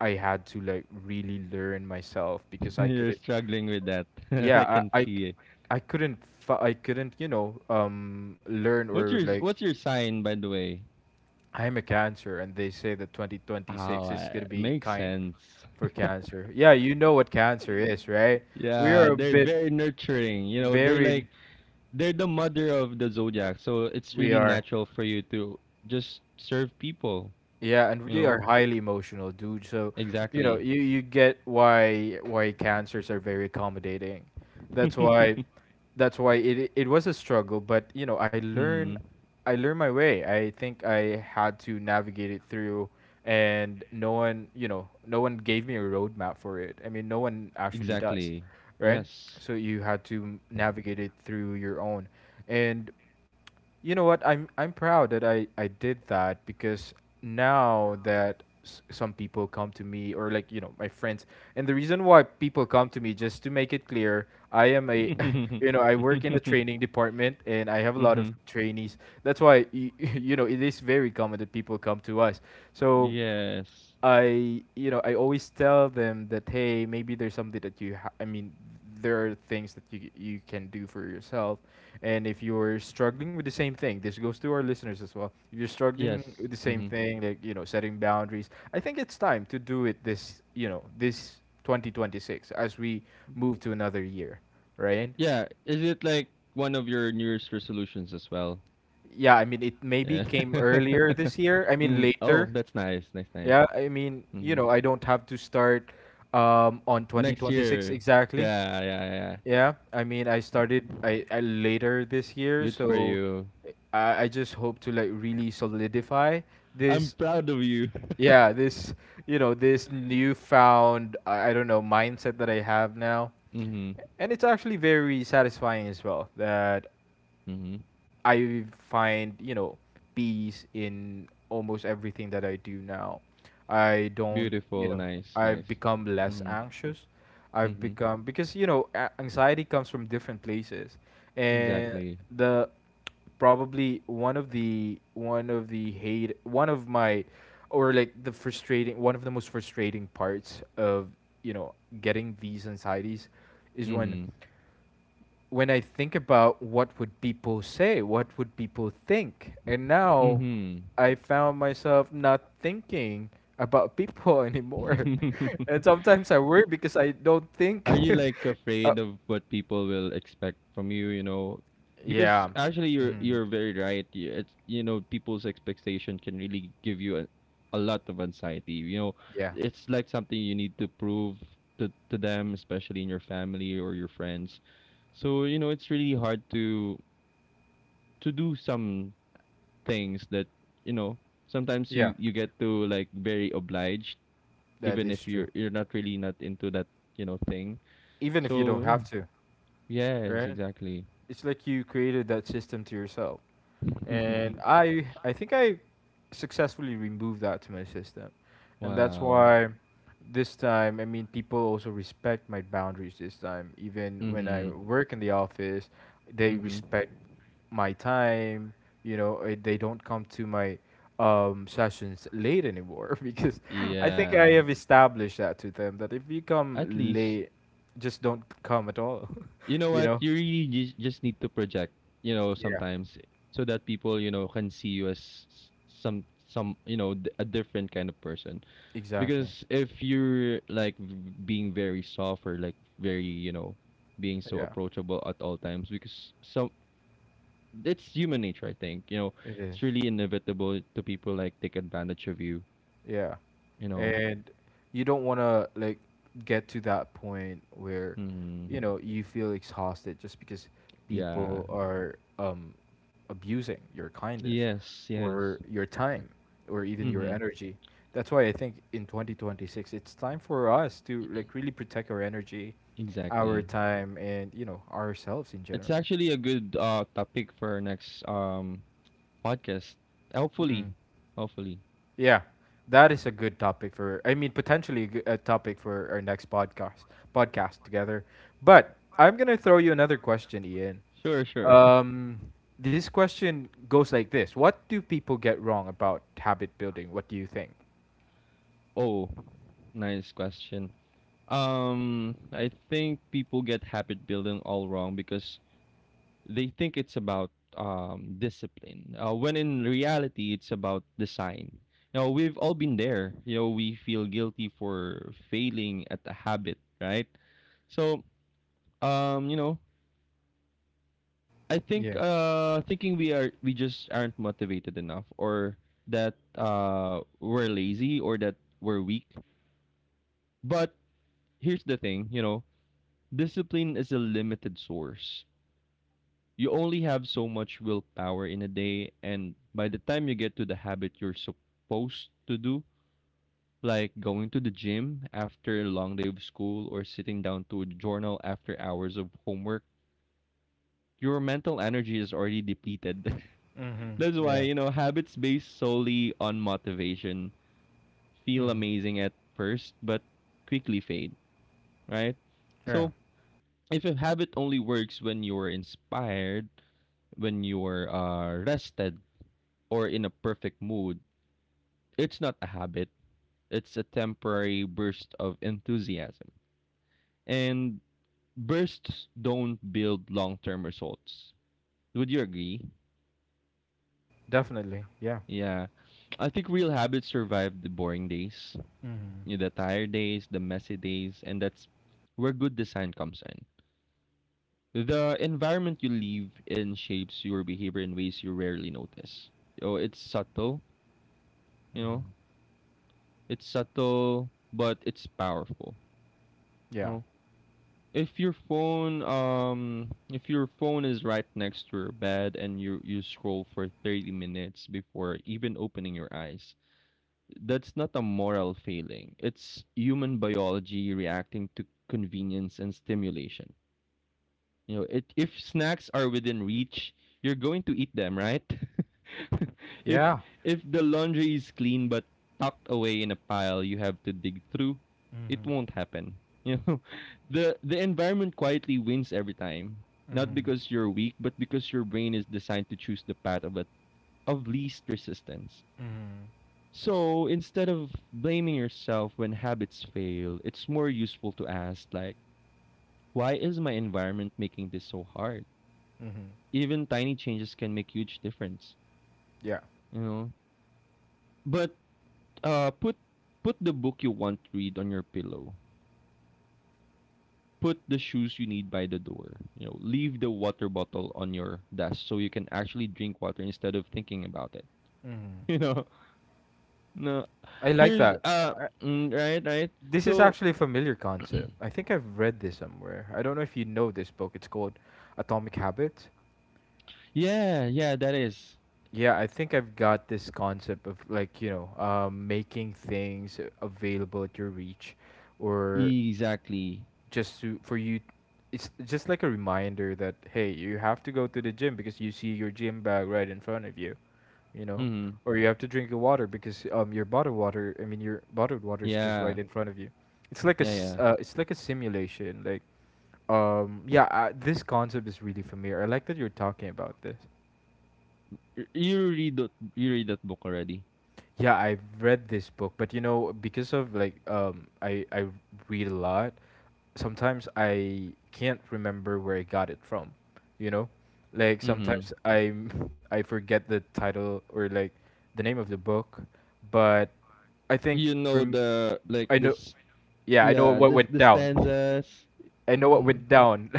A: I had to like really learn myself because I
B: You're
A: couldn't
B: struggling with that. I
A: yeah
B: can see it.
A: I couldn't you know learn
B: What's
A: or
B: your
A: like
B: sign by the way?
A: I'm a cancer and they say that
B: Oh,
A: 2026 is going to be
B: makes
A: kind
B: sense.
A: for cancer. Yeah, you know what cancer is right. we are a
B: They're
A: bit
B: very nurturing, you know, they're like
A: very
B: they're the mother of the zodiac, so it's
A: we
B: really
A: are
B: natural for you to just serve people.
A: yeah, and
B: You
A: we
B: know?
A: are highly emotional, dude. So, you know,
B: Exactly.
A: you get why cancers are very accommodating. That's why that's why it was a struggle, but you know,
B: Mhm.
A: I learned my way. I think I had to navigate it through, and no one, you know, no one gave me a roadmap for it. I mean, no one actually does,
B: Exactly.
A: right?
B: Yes.
A: So you had to navigate it through your own. And you know what? I'm proud that I did that, because now some people come to me, or like, you know, my friends. And the reason why people come to me, just to make it clear, I am a, you know, I work in the training department and I have a lot
B: Mhm.
A: of trainees. You know, it is very common that people come to us. So
B: Yes.
A: I, you know, I always tell them that, hey, maybe there's something that, I mean, there are things that you can do for yourself. And if you're struggling with the same thing, this goes to our listeners as well, if you're struggling
B: Yes.
A: with the same
B: Hmm.
A: thing, like, you know, setting boundaries, I think it's time to do it this, you know, this 2026, as we move to another year, right?
B: Yeah. Is it like one of your New Year's resolutions as well?
A: Yeah, I mean, it maybe
B: Yeah.
A: came earlier this year, I mean
B: Mm. Oh,
A: later.
B: that's nice. Nice, nice.
A: Yeah, I mean,
B: Hmm.
A: you know, I don't have to start on
B: Next year.
A: 2026 exactly.
B: Yeah, yeah, yeah, yeah.
A: Yeah, I mean, I started I later this year,
B: Good for
A: so
B: you.
A: I just hope to like really solidify
B: I'm
A: this,
B: proud of you.
A: yeah, this, you know, this newfound, I don't know, mindset that I have now.
B: Mm-hmm.
A: And it's actually very satisfying as well that
B: Mm-hmm.
A: I find, you know, peace in almost everything that I do now. I don't, you
B: Beautiful.
A: know,
B: Nice,
A: I've
B: nice.
A: become less
B: Mhm.
A: anxious. I've
B: Mhm.
A: become, because you know, anxiety comes from different places. And
B: Exactly.
A: the probably one of the hate one of my or like the frustrating one of the most frustrating parts of, you know, getting these anxieties, is when
B: Mhm.
A: when I think about what would people say, what would people think, and now
B: Mhm.
A: I found myself not thinking about people anymore, and sometimes I worry because I don't think.
B: Are you like
A: uh,
B: afraid of what people will expect from you, you know? Because
A: yeah.
B: actually you're
A: Mhm.
B: you're very right. It's you know, people's expectation can really give you a lot of anxiety. You know,
A: Yeah,
B: it's like something you need to prove to them, especially in your family or your friends. So, you know, it's really hard to do some things that you know sometimes
A: yeah,
B: you get to like very obliged
A: that
B: even
A: is
B: if
A: true.
B: you're not really not into that you know thing,
A: Even if you don't
B: so yeah.
A: have to,
B: Yes,
A: right?
B: exactly.
A: It's like you created that system to yourself. And I think I successfully removed that to my system, and that's
B: Wow.
A: why this time, I mean, people also respect my boundaries this time. Even when I
B: Mm-hmm,
A: work in the office, they
B: mm-hmm.
A: respect my time. You know, they don't come to my sessions late anymore. Because I think I
B: Yeah,
A: have established that to them, that if you
B: at
A: come
B: least
A: late, just don't come at all.
B: you know
A: You
B: what
A: know?
B: you really just need to project, you know,
A: Yeah.
B: sometimes so that people you know can see you as some you know a different kind of person.
A: Exactly.
B: Because if you're like being very soft or like very, you know, being so
A: Yeah.
B: approachable at all times, because some it's human nature, I think. You know,
A: It is.
B: it's really inevitable to people like take advantage of you.
A: Yeah.
B: You know.
A: And you don't want to like get to that point where,
B: Hmm.
A: you know, you feel exhausted just because
B: Yeah.
A: people are abusing your kindness,
B: Yes. Yes.
A: or your time, or even your
B: Mm-hmm.
A: energy. That's why I think in 2026, it's time for us to like really protect our energy, our
B: Exactly.
A: time, and you know, ourselves in
B: It's
A: general.
B: actually a good topic for our next podcast. Hopefully. Hopefully.
A: Yeah, that is a good topic for. I mean, potentially a topic for our next podcast together. But I'm gonna throw you another question, Ian.
B: Sure. Sure.
A: Um, this question goes like this: what do people get wrong about habit building? What do you think?
B: Oh, nice question. I think people get habit building all wrong because they think it's about discipline, when in reality, it's about design. Now, we've all been there. You know, we feel guilty for failing at a habit, right? So, you know, I think
A: Yeah.
B: thinking we just aren't motivated enough, or that we're lazy, or that we're weak. But here's the thing, you know, discipline is a limited source. You only have so much willpower in a day, and by the time you get to the habit you're supposed to do, like going to the gym after a long day of school or sitting down to a journal after hours of homework, your mental energy is already depleted.
A: Mm-hmm.
B: That's why
A: Yeah.
B: you know habits based solely on motivation feel
A: Mm-hmm.
B: amazing at first but quickly fade, right?
A: Yeah.
B: So if a habit only works when you're inspired, when you're rested, or in a perfect mood, it's not a habit. It's a temporary burst of enthusiasm. And bursts don't build long term results. Would you agree?
A: Definitely. Yeah.
B: Yeah. I think real habits survive the boring days,
A: Mm-hmm.
B: you know, the tired days, the messy days, and that's where good design comes in. The environment you live in shapes your behavior in ways you rarely notice. Oh, it's subtle, you know.
A: Mm-hmm.
B: It's subtle, but it's powerful. You
A: Yeah.
B: know? If your phone is right next to your bed and you scroll for 30 minutes before even opening your eyes, that's not a moral failing. It's human biology reacting to convenience and stimulation. You know, it, if snacks are within reach, you're going to eat them, right? if
A: Yeah.
B: if the laundry is clean but tucked away in a pile you have to dig through, it
A: Mm-hmm.
B: won't happen. You know, the environment quietly wins every time. Not
A: Mm-hmm.
B: because you're weak, but because your brain is designed to choose the path of of least resistance.
A: Mm-hmm.
B: So instead of blaming yourself when habits fail, it's more useful to ask like, why is my environment making this so hard?
A: Mm-hmm.
B: Even tiny changes can make huge difference,
A: Yeah.
B: you know, but uh put put the book you want to read on your pillow, put the shoes you need by the door, you know, leave the water bottle on your desk so you can actually drink water instead of thinking about it.
A: Mm-hmm.
B: You know. No,
A: I like
B: here's
A: that.
B: uh mm, right, right.
A: This is
B: So
A: actually a familiar concept. I think I've read this somewhere. I don't know if you know this book. It's called Atomic Habits.
B: yeah, yeah, that is
A: Yeah, I think I've got this concept of like, you know, making things available at your reach, or
B: exactly
A: just to, for you, it's just like a reminder that, hey, you have to go to the gym because you see your gym bag right in front of you, you know?
B: mm,
A: Or you have to drink your water because your bottled water, I mean your bottled water is just
B: yeah,
A: right in front of you. It's like
B: yeah, yeah.
A: it's like a simulation. Like, yeah, I, this concept is really familiar. I like that you're talking about this.
B: Y- you read that book already.
A: Yeah, I've read this book, but you know, because of like, I read a lot. Sometimes I can't remember where I got it from. You know, like
B: Mm-hmm.
A: sometimes I, I forget the title or like the name of the book, but I think
B: you know
A: from,
B: the like
A: I know,
B: this
A: yeah, I know
B: Yeah,
A: what went
B: the
A: down.
B: stanzas.
A: I know what
B: Mhm.
A: went down,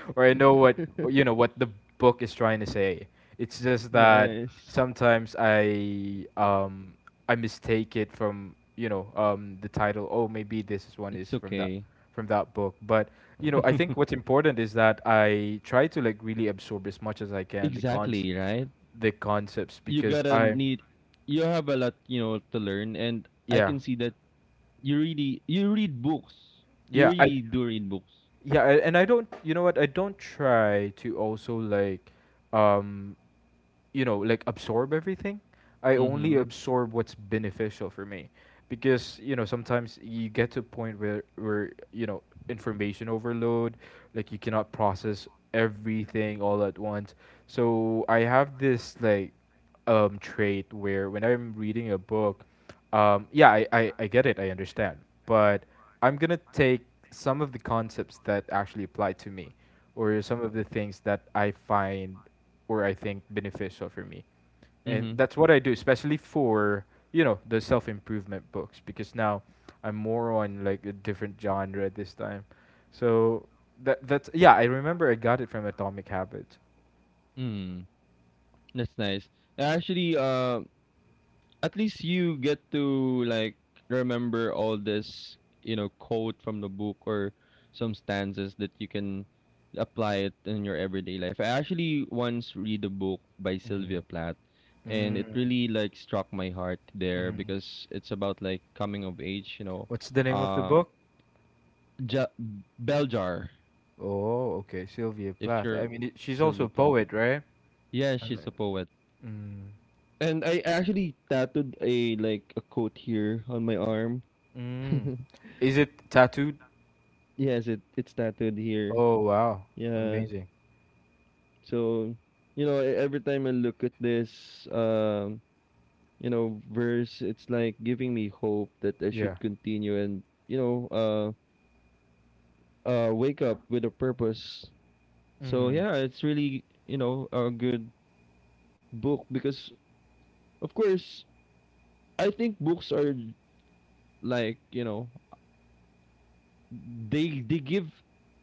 A: or I know what, you know what the book is trying to say. It's just that
B: Nice.
A: sometimes I mistake it from, you know, the title. Oh, maybe this is one
B: It's
A: is from that,
B: okay.
A: from that book. But you know, I think what's important is that I try to like really absorb as much as I can
B: Exactly, right?
A: the concepts,
B: You
A: because
B: gotta
A: I
B: need You have a lot, you know, to learn and I
A: yeah
B: can see that you read books. You
A: yeah I
B: really do read books.
A: yeah I, and I don't, you know what, I don't try to also like um you know like absorb everything. I only
B: Mm-hmm.
A: absorb what's beneficial for me, because you know, sometimes you get to a point where, you know, information overload, like you cannot process everything all at once. So I have this like trait where when I'm reading a book, yeah, I get it, I understand, but I'm gonna take some of the concepts that actually apply to me, or some
B: Mm-hmm.
A: of the things that I find, or I think beneficial for me, and
B: Mm-hmm.
A: that's what I do, especially for, you know, the self improvement books, because now I'm more on like a different genre this time. So that's, yeah, I remember I got it from Atomic Habits.
B: Mm. That's nice. Actually, at least you get to like remember all this, you know, quote from the book or some stanzas that you can apply it in your everyday life. I actually once read a book by
A: Mm-hmm.
B: Sylvia Plath and it
A: Mm,
B: really like struck my heart there
A: mm.
B: because it's about like coming of age, you know.
A: What's the name of the
B: Uh
A: book?
B: ja- Bell Jar.
A: Oh, okay, Sylvia
B: If
A: Plath.
B: you're
A: I mean, she's also
B: Sylvia
A: a
B: Plath.
A: poet, right?
B: Yeah, she's a poet.
A: Mm.
B: And I actually tattooed a like a quote here on my arm.
A: Mm. Is it tattooed?
B: Yes, it's tattooed here.
A: Oh wow,
B: Yeah.
A: amazing.
B: So, you know, every time I look at this, um, you know, verse, it's like giving me hope that I
A: Yeah.
B: should continue and, you know, wake up with a purpose. So
A: Mhm.
B: yeah, it's really, you know, a good book because, of course, I think books are like, you know, they give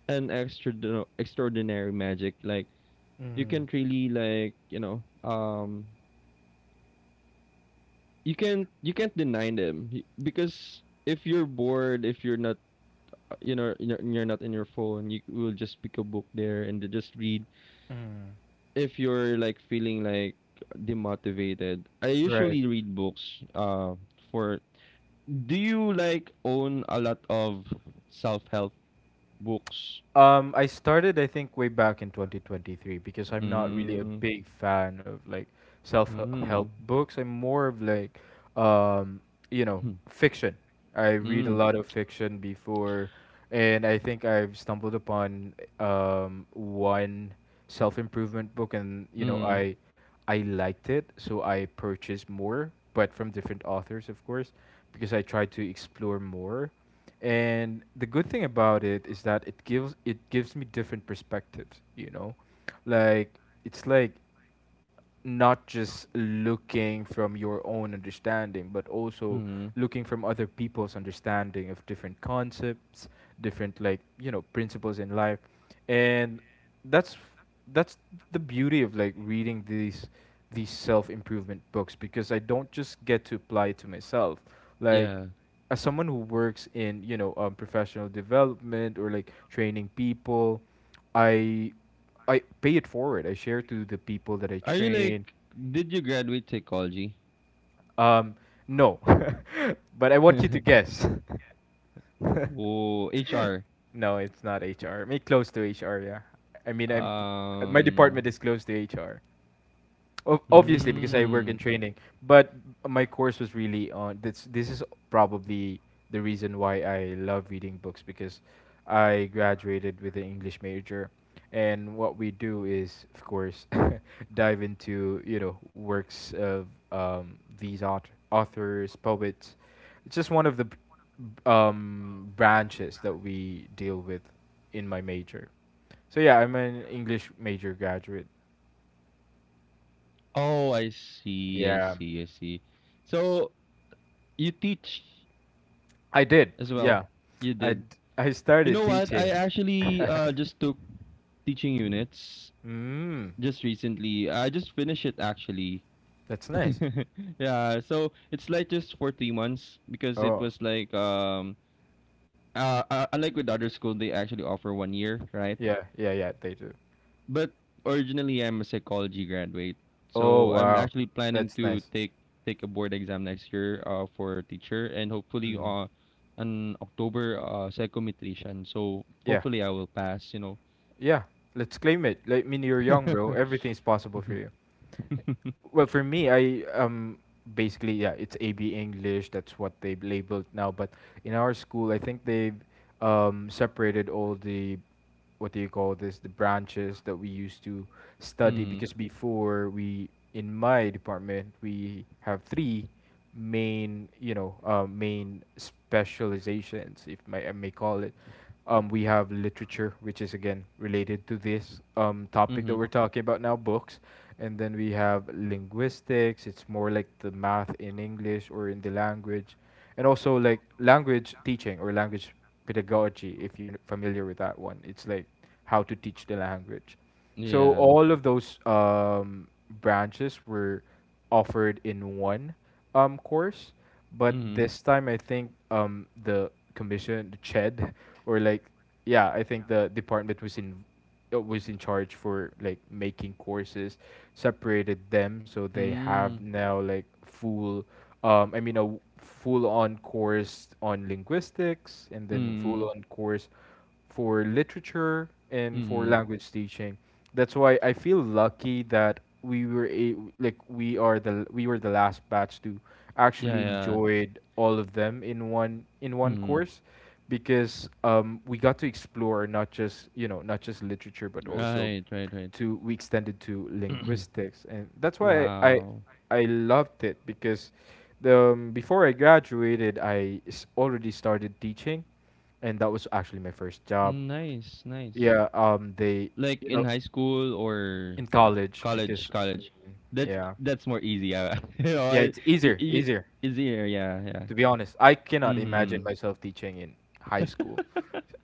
B: an extra extraordinary magic. Like you can
A: Mhm.
B: really like, you know, you can't deny them. Because if you're bored, if you're not you know you're not in your phone, you will just pick a book there and just read.
A: Mhm.
B: If you're like feeling like demotivated, I
A: Right.
B: usually read books. For do you like own a lot of self help books?
A: I started, I think, way back in 2023, because I'm not really a
B: Mm,
A: big fan of like self-help
B: mm,
A: books. I'm more of like, um, you know, fiction. I read a
B: mm,
A: lot of fiction before, and I think I've stumbled upon one self-improvement book, and you know,
B: mm,
A: I liked it, so I purchased more, but from different authors, of course, because I tried to explore more. And the good thing about it is that it gives me different perspectives, you know? Like, it's like not just looking from your own understanding, but also
B: mm.
A: looking from other people's understanding of different concepts, different like, you know, principles in life. And that's that's the beauty of like reading these self improvement books, because I don't just get to apply it to myself. Like,
B: Yeah.
A: as someone who works in, you know, professional development or like training people, I I pay it forward. I share to the people that I
B: Are you like?
A: train.
B: Did you graduate psychology?
A: Um, no, but I want you to guess.
B: Oh, HR.
A: No, it's not HR. I mean, close to HR, yeah. I mean, I'm, my
B: Um,
A: department is close to HR. Obviously because I
B: mm.
A: work in training, but my course was really on this. This is probably the reason why I love reading books, because I graduated with an English major, and what we do is, of course, dive into, you know, works of these authors, poets. It's just one of the branches that we deal with in my major. So yeah, I'm an English major graduate.
B: Oh, I see. I
A: Yeah.
B: see. I see. So you teach
A: I did.
B: as well.
A: Yeah.
B: You did.
A: I
B: You
A: started
B: know what? I
A: teaching.
B: actually just took teaching units
A: Mm,
B: just recently. I just finished it actually.
A: that's nice.
B: Yeah, so it's like just for 3 months because it
A: Oh,
B: was like unlike with other school they actually offer 1 year, right?
A: yeah, yeah, yeah, they do.
B: But originally, I'm a psychology graduate,
A: Oh,
B: so I'm
A: wow.
B: actually planning
A: That's
B: to
A: nice.
B: take a board exam next year for teacher and hopefully
A: Mm,
B: on October psychometrician. So
A: yeah.
B: hopefully I will pass. You know.
A: Yeah. Let's claim it. Like, I mean, you're young, bro.
B: Mm-hmm.
A: Everything's possible for you. Well, for me, I basically, yeah, it's AB English. That's what they labeled now. But in our school, I think they've separated all the what do you call this, the branches that we used to study. Because before we in my department we have three main, main specializations, if I may call it. We have literature, which is again related to this topic that
B: Mm-hmm.
A: we're talking about now, books. And then we have linguistics. It's more like the math in English, or in the language. And also like language teaching, or language pedagogy, if you're familiar with that one. It's like how to teach the language. So
B: Yeah.
A: all of those branches were offered in one course. But
B: Mm-hmm.
A: this time I think the commission, the CHED, or like, yeah, I think the department was in charge for like making courses, separated them, so they have
B: Mm-hmm.
A: now like full full on course on linguistics, and then
B: Mm-hmm.
A: full on course for literature, and for
B: Mm-hmm.
A: language teaching. That's why I feel lucky that we were a, like we are the we were the last batch to
B: Yeah.
A: actually
B: Yeah.
A: enjoyed all of them in one
B: Mm-hmm.
A: course. Because we got to explore, not just you know, not just literature, but also
B: Right. Right. Right.
A: to we extended to linguistics. And that's why i
B: Wow.
A: i loved it. Because the before I graduated, I already started teaching, and that was actually my first job.
B: Nice. Nice.
A: Yeah. They,
B: Like
A: you
B: in
A: know,
B: high school or
A: in college.
B: college,
A: Because
B: college.
A: Mhm. yeah
B: That's more easy. Yeah,
A: yeah, it's
B: y-
A: easier
B: y-
A: easier
B: easier. Yeah, yeah.
A: To be honest, I cannot imagine
B: Hmm.
A: myself teaching in high school.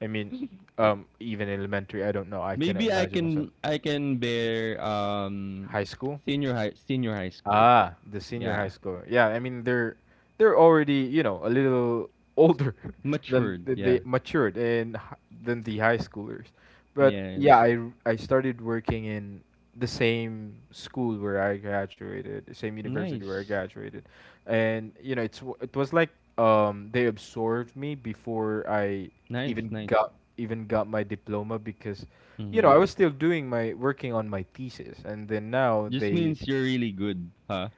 A: I mean, even elementary, I don't know. I cannot
B: Maybe
A: imagine myself
B: I can bear
A: high school.
B: senior high, senior high school.
A: Ah, the senior high
B: Yeah,
A: school. Yeah, I mean, they're already, you know, a little older, than
B: matured.
A: the, they
B: Yeah,
A: matured, than the high schoolers. But yeah,
B: yes.
A: I started working in the same school where I graduated, the same university where I
B: Nice,
A: graduated, and you know it was like, they absorbed me before I
B: nice, nice.
A: even got my diploma. Because you know,
B: Hmm.
A: I was still doing my working on my thesis, and then now
B: Just
A: they
B: means you're really good, huh?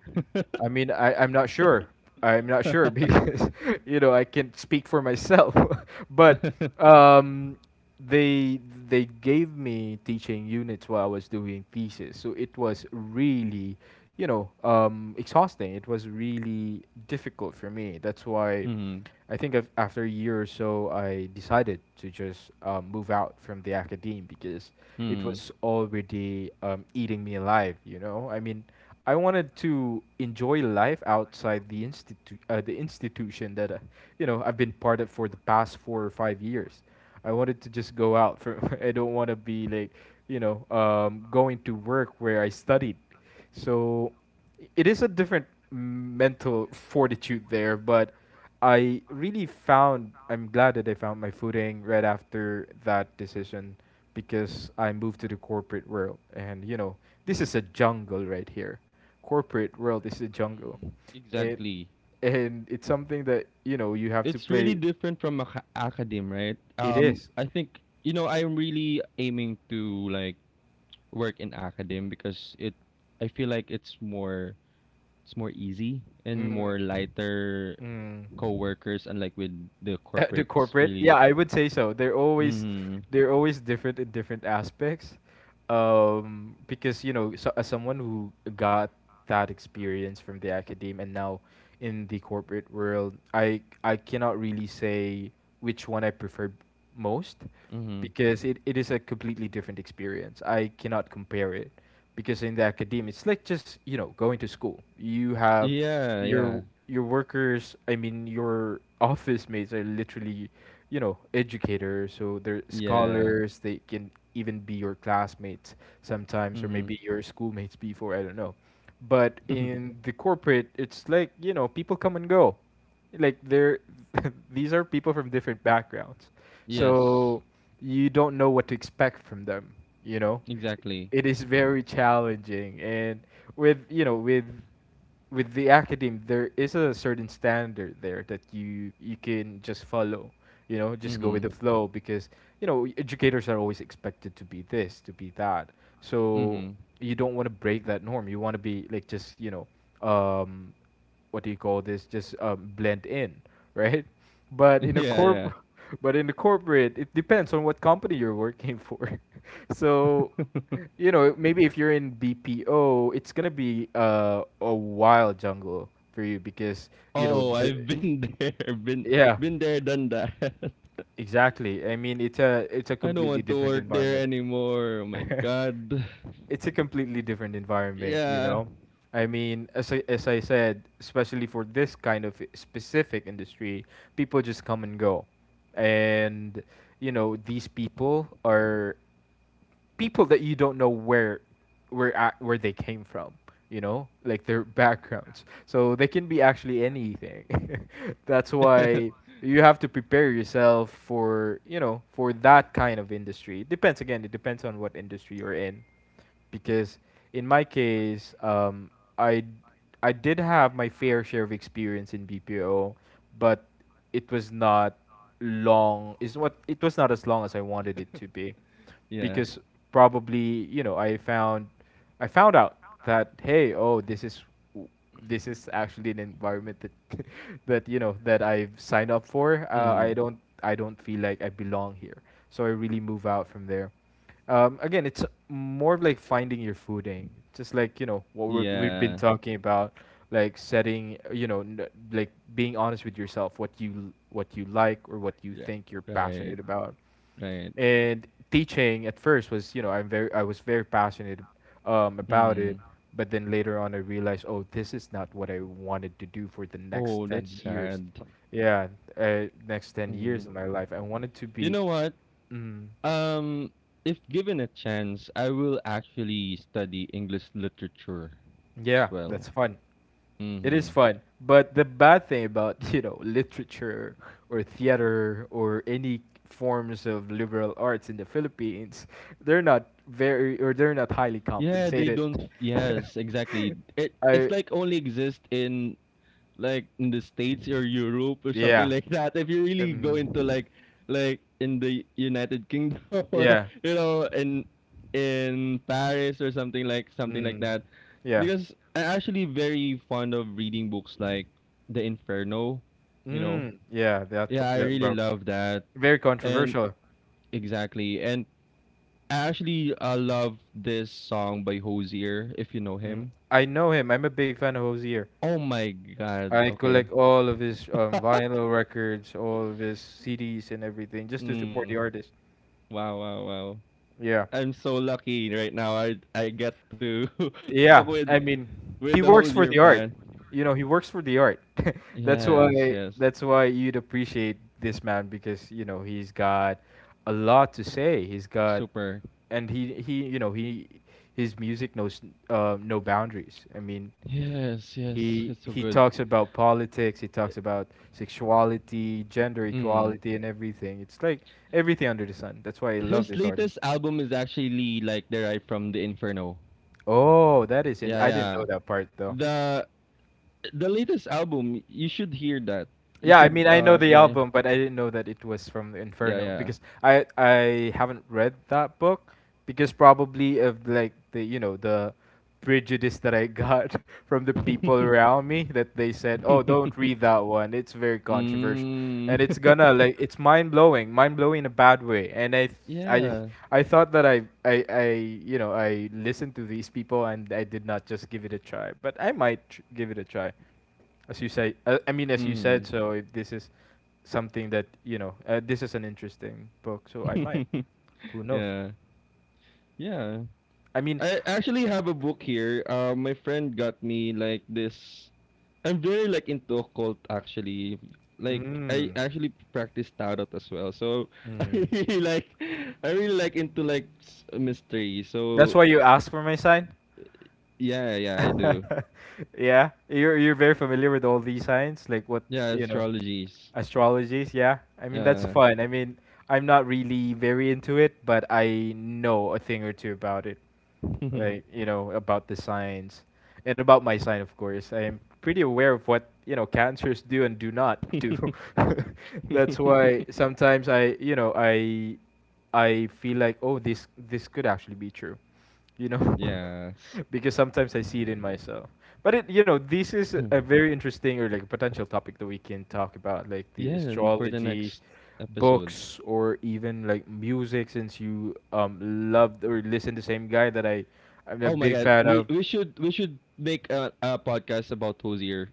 A: I mean, I'm not sure. I'm not sure because, you know, I can't speak for myself. But um, they they gave me teaching units while I was doing thesis, so it was really, you know, exhausting. It was really difficult for me. That's why.
B: Hmm.
A: I think after a year or so, I decided to just move out from the academe. Because it
B: Hmm.
A: was already eating me alive. You know, I mean, I wanted to enjoy life outside the institute, the institution that you know, I've been part of for the past 4 or 5 years. I wanted to just go out. For I don't want to be like, you know, going to work where I studied. So it is a different mental fortitude there. But I really found, I'm glad that I found my footing right after that decision, because I moved to the corporate world. And you know, this is a jungle right here. Corporate world is a jungle. It
B: Exactly.
A: and it's something that, you know, you have to
B: It's really
A: play
B: different from academe, right?
A: it is.
B: I think, you know, I'm really aiming to like work in academe because it I feel like it's more easy and
A: Mm.
B: more lighter
A: Mm.
B: coworkers unlike with the
A: The
B: corporates
A: corporate? Yeah,
B: really.
A: I would say so.
B: Mhm.
A: They're always different in different aspects. Because you know, so, as someone who got that experience from the academe and now in the corporate world, I cannot really say which one I prefer most.
B: Mhm.
A: Because it is a completely different experience. I cannot compare it. Because in the academe it's like just, you know, going to school. You have
B: Yeah, yeah.
A: your your workers, I mean, your office mates are literally, you know, educators. So they're
B: Yeah.
A: scholars, they can even be your classmates sometimes, or maybe
B: Mhm.
A: your schoolmates before, I don't know. But in the corporate it's like, you know, people come and go. Like they're these are people from different backgrounds.
B: Yes.
A: So you don't know what to expect from them, you know.
B: Exactly.
A: It is very challenging. And with you know, with the academe, there is a certain standard there that you can just follow. You know, just go with
B: Mhm.
A: the flow. Because you know, educators are always expected to be this, to be that. So
B: Mhm.
A: you don't want to break that norm. You want to be like, just you know, um, what do you call this? Just blend in, right? But in a
B: Yeah, yeah.
A: corp, but in the corporate, it depends on what company you're working for. So you know, maybe if you're in BPO, it's gonna be a wild jungle for you. Because you know
B: Oh, I've
A: the
B: been there.
A: yeah,
B: Been there, done that.
A: exactly. I mean, it's a
B: I don't
A: completely
B: want to
A: different
B: work there
A: environment.
B: anymore. Oh my god.
A: It's a completely different environment, you
B: Yeah.
A: know. I mean, as as I said, especially for this kind of specific industry, people just come and go. And you know, these people are people that you don't know where they came from, you know, like their backgrounds. So they can be actually anything. That's why you have to prepare yourself for, you know, for that kind of industry. It depends, again, it depends on what industry you're in. Because in my case, I I did have my fair share of experience in BPO. But it was not long. Is what it was not as long as I wanted it to be.
B: Yeah.
A: Because probably, you know, I found out that, hey, oh, this is w- this is actually an environment that that you know, that I've signed up for.
B: Mm.
A: I don't feel like I belong here. So I really move out from there. Again, it's more of like finding your footing, just like you know what we've been
B: Yeah.
A: talking about, like setting, you know, like being honest with yourself, what you like, or what you
B: Yeah.
A: think you're
B: Right.
A: passionate about.
B: Right.
A: And teaching at first was, you know, I was very passionate about it.
B: Mm.
A: But then later on I realized, oh, this is not what I wanted to do for the next
B: Oh, that's
A: 10 years.
B: sad.
A: Yeah, next ten
B: Mm.
A: years of my life, I wanted to
B: You
A: be.
B: know what?
A: Mm,
B: Um, if given a chance, I will actually study English literature as
A: yeah,
B: well.
A: that's fun. It is
B: Mm-hmm.
A: fun, but the bad thing about you know, literature or theater or any forms of liberal arts in the Philippines, they're not very, or they're not highly
B: Yeah, they
A: compensated.
B: don't. Yes, exactly. It it's
A: I
B: like only exist in like in the states or europe or something
A: yeah,
B: like that if you really go
A: um,
B: into like in the united kingdom or
A: yeah,
B: you know in paris or something like
A: mm,
B: that
A: yeah,
B: because I'm actually very fond of reading books like the inferno, you know.
A: mm, yeah. That p-
B: Yeah, I
A: that
B: really
A: bro,
B: love that.
A: very
B: And
A: controversial.
B: exactly, and I actually love this song by Hosier if you know
A: Mm,
B: him.
A: I know him. I'm a big fan of Hosier.
B: Oh my god,
A: I
B: okay.
A: collect all of his vinyl records, all of his CDs, and everything just to support the
B: Mm,
A: artist.
B: wow, wow, wow.
A: Yeah.
B: I'm so lucky right now. I get to talk
A: Yeah, I mean,
B: with
A: he
B: the
A: works for
B: Hosier
A: the art.
B: fan.
A: You know, he works for the art. That's
B: Yes,
A: why
B: yes,
A: that's why you'd appreciate this man, because, you know, he's got a lot to say. He's got
B: super.
A: and you know, he his music knows no boundaries. I mean,
B: Yes, yes, it's so
A: he
B: good.
A: talks about politics, he talks about sexuality, gender
B: Mm.
A: equality and everything. It's like everything under the sun. That's why I love
B: His
A: this artist.
B: latest album is actually like derived from the Inferno.
A: Oh, that is in-
B: Yeah,
A: I didn't
B: yeah.
A: know that part though.
B: The the latest album, you should hear that. You
A: Yeah, I
B: should.
A: mean, I know the
B: Yeah,
A: album, but I didn't know that it was from the
B: yeah, yeah,
A: Inferno.
B: yeah.
A: Because I haven't read that book. Because probably of like the you know the prejudice that I got from the people around me, that they said, "Oh, don't read that one. It's very controversial." And it's
B: Mm.
A: gonna like it's mind-blowing, mind-blowing in a bad way. And I
B: Yeah.
A: I thought that I you know, I listened to these people and I did not just give it a try. But I might give it a try. As you say, as you
B: Mm.
A: said, so if this is something that you know, this is an interesting book, so I might. Who knows?
B: Yeah. Yeah.
A: I mean,
B: I actually have a book here. My friend got me like this. I'm very like into occult actually. Like I
A: mm,
B: actually practice tarot as well. So I
A: mm.
B: really like I really like into like mystery.
A: That's
B: So
A: why you asked for my sign.
B: yeah, yeah, I do.
A: Yeah, you're very familiar with all these signs, like what
B: Yeah,
A: you know,
B: astrologies.
A: astrologies. Yeah, I mean that's
B: Yeah.
A: fun. I mean, I'm not really very into it, but I know a thing or two about it. Like you know, about the signs, and about my sign. Of course I am pretty aware of what, you know, cancers do and do not do. That's why sometimes I you know I feel like, oh, this could actually be true, you know.
B: Yes.
A: Because sometimes I see it in myself. But it, you know, this is a very interesting or like potential topic that we can talk about, like the
B: Yeah, and for the
A: astrologies,
B: next episodes.
A: books, or even like music, since you loved or listened to the same guy that I'm a
B: Oh my
A: big
B: god,
A: fan of.
B: we should make a podcast about Hosier.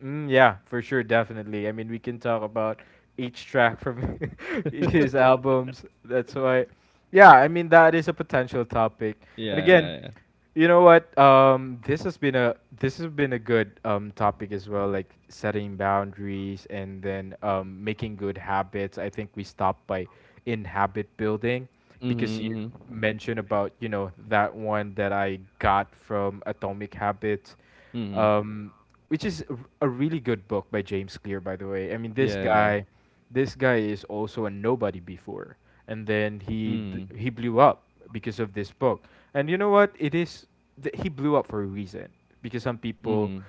A: Mm, yeah, for sure, definitely. I mean, we can talk about each track from his albums. That's why. Yeah, I mean, that is a potential topic. And
B: Yeah,
A: again,
B: yeah, yeah.
A: you know what? This has been a this has been a good topic as well, like setting boundaries, and then making good habits. I think we stopped by in habit building,
B: Mhm,
A: because you
B: mhm,
A: mentioned about, you know, that one that I got from Atomic Habits.
B: mhm.
A: um, which is a really good book by James Clear, by the way. I mean,
B: Yeah, yeah.
A: this guy is also a nobody before, and then
B: Mhm,
A: he blew up because of this book. And you know what? It is he blew up for a reason because some people
B: mhm.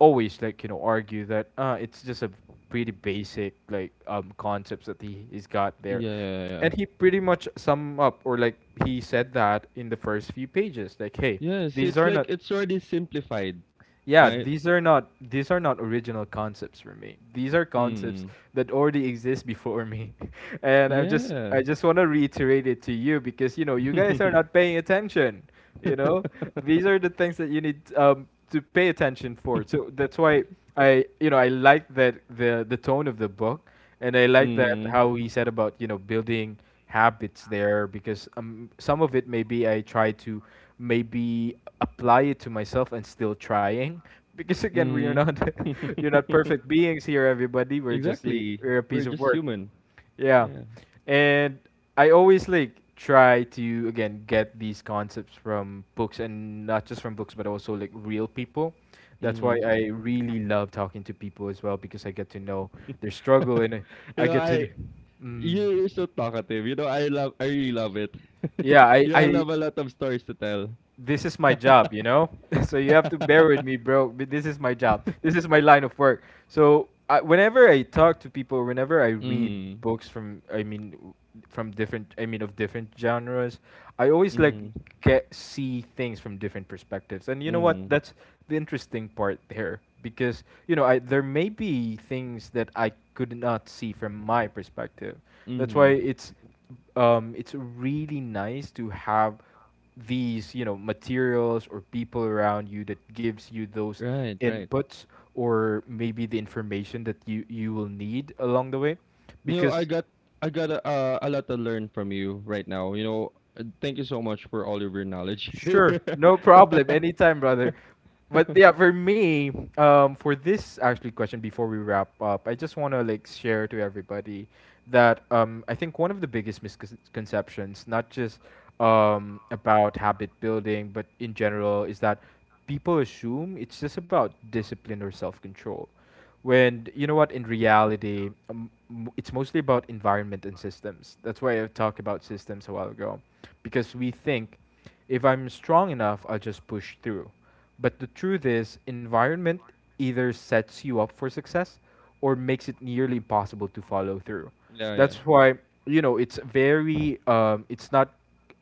A: always like argue that it's just a pretty basic like concepts that he's got there,
B: Yeah, yeah, yeah.
A: and he pretty much sum up, or like he said that in the first few pages, like, hey,
B: Yes,
A: these
B: it's
A: are
B: like
A: not,
B: it's already simplified,
A: yeah,
B: right?
A: these are not, these are not original concepts for me. These are concepts
B: Mhm.
A: that already exist before me, and
B: Yeah.
A: I just want to reiterate it to you because you know you guys are not paying attention, you know, these are the things that you need, to pay attention for. So that's why i, you know, I like that the tone of the book, and I like that
B: Mhm.
A: how he said about, you know, building habits there. Because some of it maybe I try to, maybe apply it to myself and still trying because again we are
B: Mhm.
A: not, you're not perfect beings here, everybody. We're just a,
B: Exactly.
A: we're a
B: We're
A: piece of
B: just
A: work,
B: human.
A: yeah.
B: Yeah.
A: And I always like try to, again, get these concepts from books, and not just from books but also like real people. That's why
B: Mhm.
A: I really love talking to people as well, because I get to know their struggle, and
B: You
A: I
B: know,
A: get to
B: I
A: mm,
B: you're so talkative. You know, I really love it.
A: yeah, I,
B: You all
A: I
B: have a lot of stories to tell.
A: this is my job, you know? So you have to bear with me, bro. But this is my job. This is my line of work. So I, whenever I talk to people, whenever I read
B: Mhm.
A: books from, I mean, from different, I mean, of different genres, I always like
B: Mhm.
A: get see things from different perspectives. And you know what?
B: Mhm.
A: That's the interesting part there, because you know i, there may be things that I could not see from my perspective. That's why
B: Mhm.
A: it's, it's really nice to have these, you know, materials or people around you that gives you those
B: Right, right.
A: inputs, or maybe the information that you will need along the way
B: You know,
A: because
B: I got a lot to learn from you right now. You know, thank you so much for all of your knowledge. Here.
A: sure, no problem. Anytime, brother. But yeah, for me, for this actually question before we wrap up, I just want to like share to everybody that, I think one of the biggest misconceptions, not just, about habit building, but in general, is that people assume it's just about discipline or self control. When you know what, in reality, it's mostly about environment and systems. That's why I talked about systems a while ago, because we think, if I'm strong enough, I'll just push through. But the truth is, environment either sets you up for success or makes it nearly impossible to follow through.
B: Yeah, yeah,
A: That's why, you know, it's very, it's not,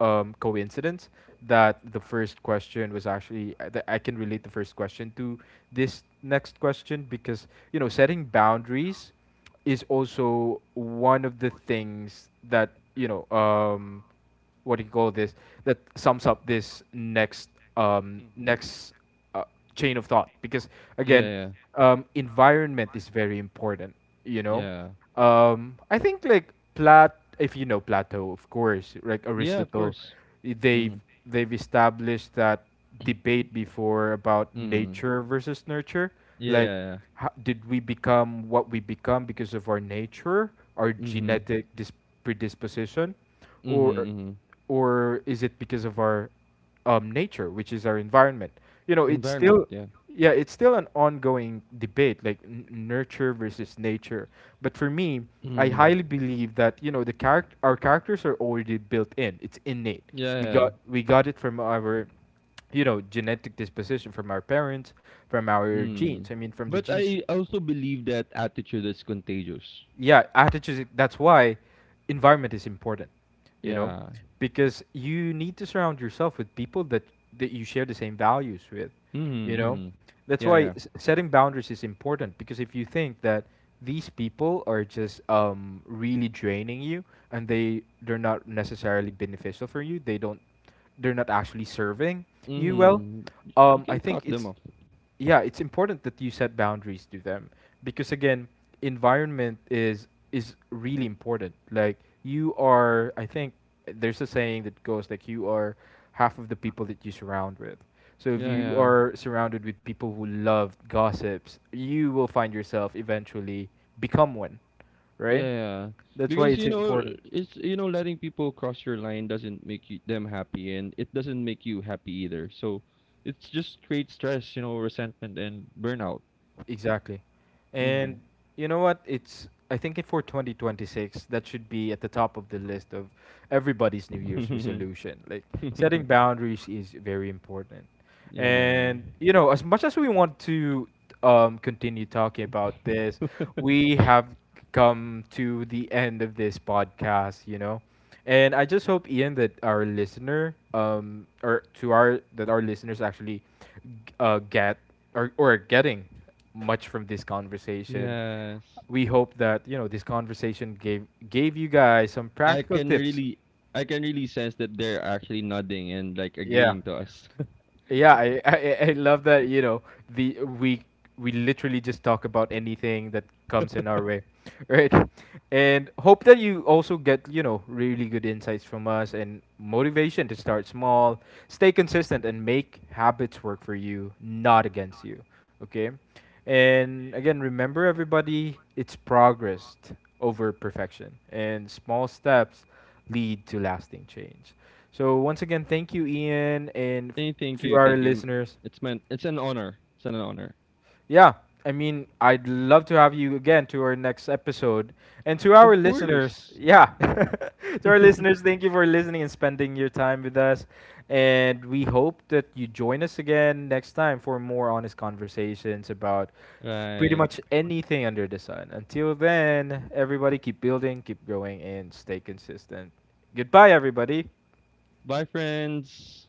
A: coincidence that the first question was actually, that I can relate the first question to this next question, because you know setting boundaries is also one of the things that, you know, um, what do you call this, that sums up this next uh, chain of thought. Because
B: yeah,
A: again,
B: yeah,
A: environment is very important, you know.
B: yeah,
A: I think like plat if you know Plato, of course, like
B: yeah. Of
A: Aristotle,
B: course.
A: they've
B: Mm-hmm.
A: they've established that debate before, about
B: Mm-hmm.
A: nature versus nurture.
B: Yeah, yeah,
A: Like,
B: yeah.
A: did we become what we become because of our nature, our
B: Mm-hmm.
A: predisposition,
B: Mm-hmm.
A: or
B: Mm-hmm.
A: or is it because of our, nature, which is our environment? You know, it's
B: Environment.
A: still,
B: Yeah.
A: yeah, it's still an ongoing debate, like nurture versus nature. But for me, I
B: Mm-hmm.
A: highly believe that, you know, the character, our characters are already built in. It's innate.
B: Yeah, yeah,
A: We
B: yeah.
A: got we got it from our, you know, genetic disposition, from our parents, from our
B: Mm-hmm.
A: genes, I mean, from the
B: But
A: genes.
B: I also believe that attitude is contagious.
A: Yeah, attitudes. That's why environment is important, you know,
B: Yeah.
A: because you need to surround yourself with people that, you share the same values with, you
B: Mm-hmm,
A: know.
B: mm-hmm.
A: That's
B: Yeah.
A: why,
B: Yeah.
A: setting boundaries is important, because if you think that these people are just, really draining you, and they're not necessarily beneficial for you, they don't, they're not actually serving you well,
B: Mm-hmm. You
A: I
B: can
A: think
B: cut them
A: it's,
B: off.
A: yeah, it's important that you set boundaries to them, because again, environment is really important. Like you are, I think there's a saying that goes like, you are half of the people that you surround with. So if
B: Yeah,
A: you
B: yeah.
A: are surrounded with people who love gossips, you will find yourself eventually become one, right?
B: Yeah,
A: That's why
B: because
A: it's
B: you know,
A: important.
B: it's you know, letting people cross your line doesn't make you, them happy, and it doesn't make you happy either. So, it's just creates stress, you know, resentment and burnout.
A: Exactly.
B: Hmm.
A: And you know what? It's I think it, for 2026, that should be at the top of the list of everybody's New Year's resolution. Like, setting boundaries is very important.
B: Yeah.
A: And you know, as much as we want to, continue talking about this, we have come to the end of this podcast, you know. And I just hope, Ian, that our listener, um, or to our, that our listeners actually, get, or are getting much from this conversation.
B: Yes.
A: We hope that, you know, this conversation gave you guys some
B: I
A: practical
B: can
A: tips.
B: really, I can really sense that they're actually nodding and like
A: Yeah.
B: agreeing to us.
A: Yeah, I, I love that, you know, the we literally just talk about anything that comes in our way, right? And hope that you also get, you know, really good insights from us, and motivation to start small, stay consistent, and make habits work for you, not against you, okay? And again, remember, everybody, it's progress over perfection, and small steps lead to lasting change. So once again, thank you, Ian, and
B: Hey, thank
A: to
B: you,
A: our
B: thank you.
A: listeners.
B: It's meant, it's an honor. It's an honor.
A: Yeah, I mean, I'd love to have you again to our next episode, and to
B: Of
A: our
B: course.
A: listeners. Yeah, to our listeners, thank you for listening and spending your time with us, and we hope that you join us again next time for more honest conversations about pretty
B: Right.
A: much anything under the sun. Until then, everybody, keep building, keep growing, and stay consistent. Goodbye, everybody.
B: Bye, friends.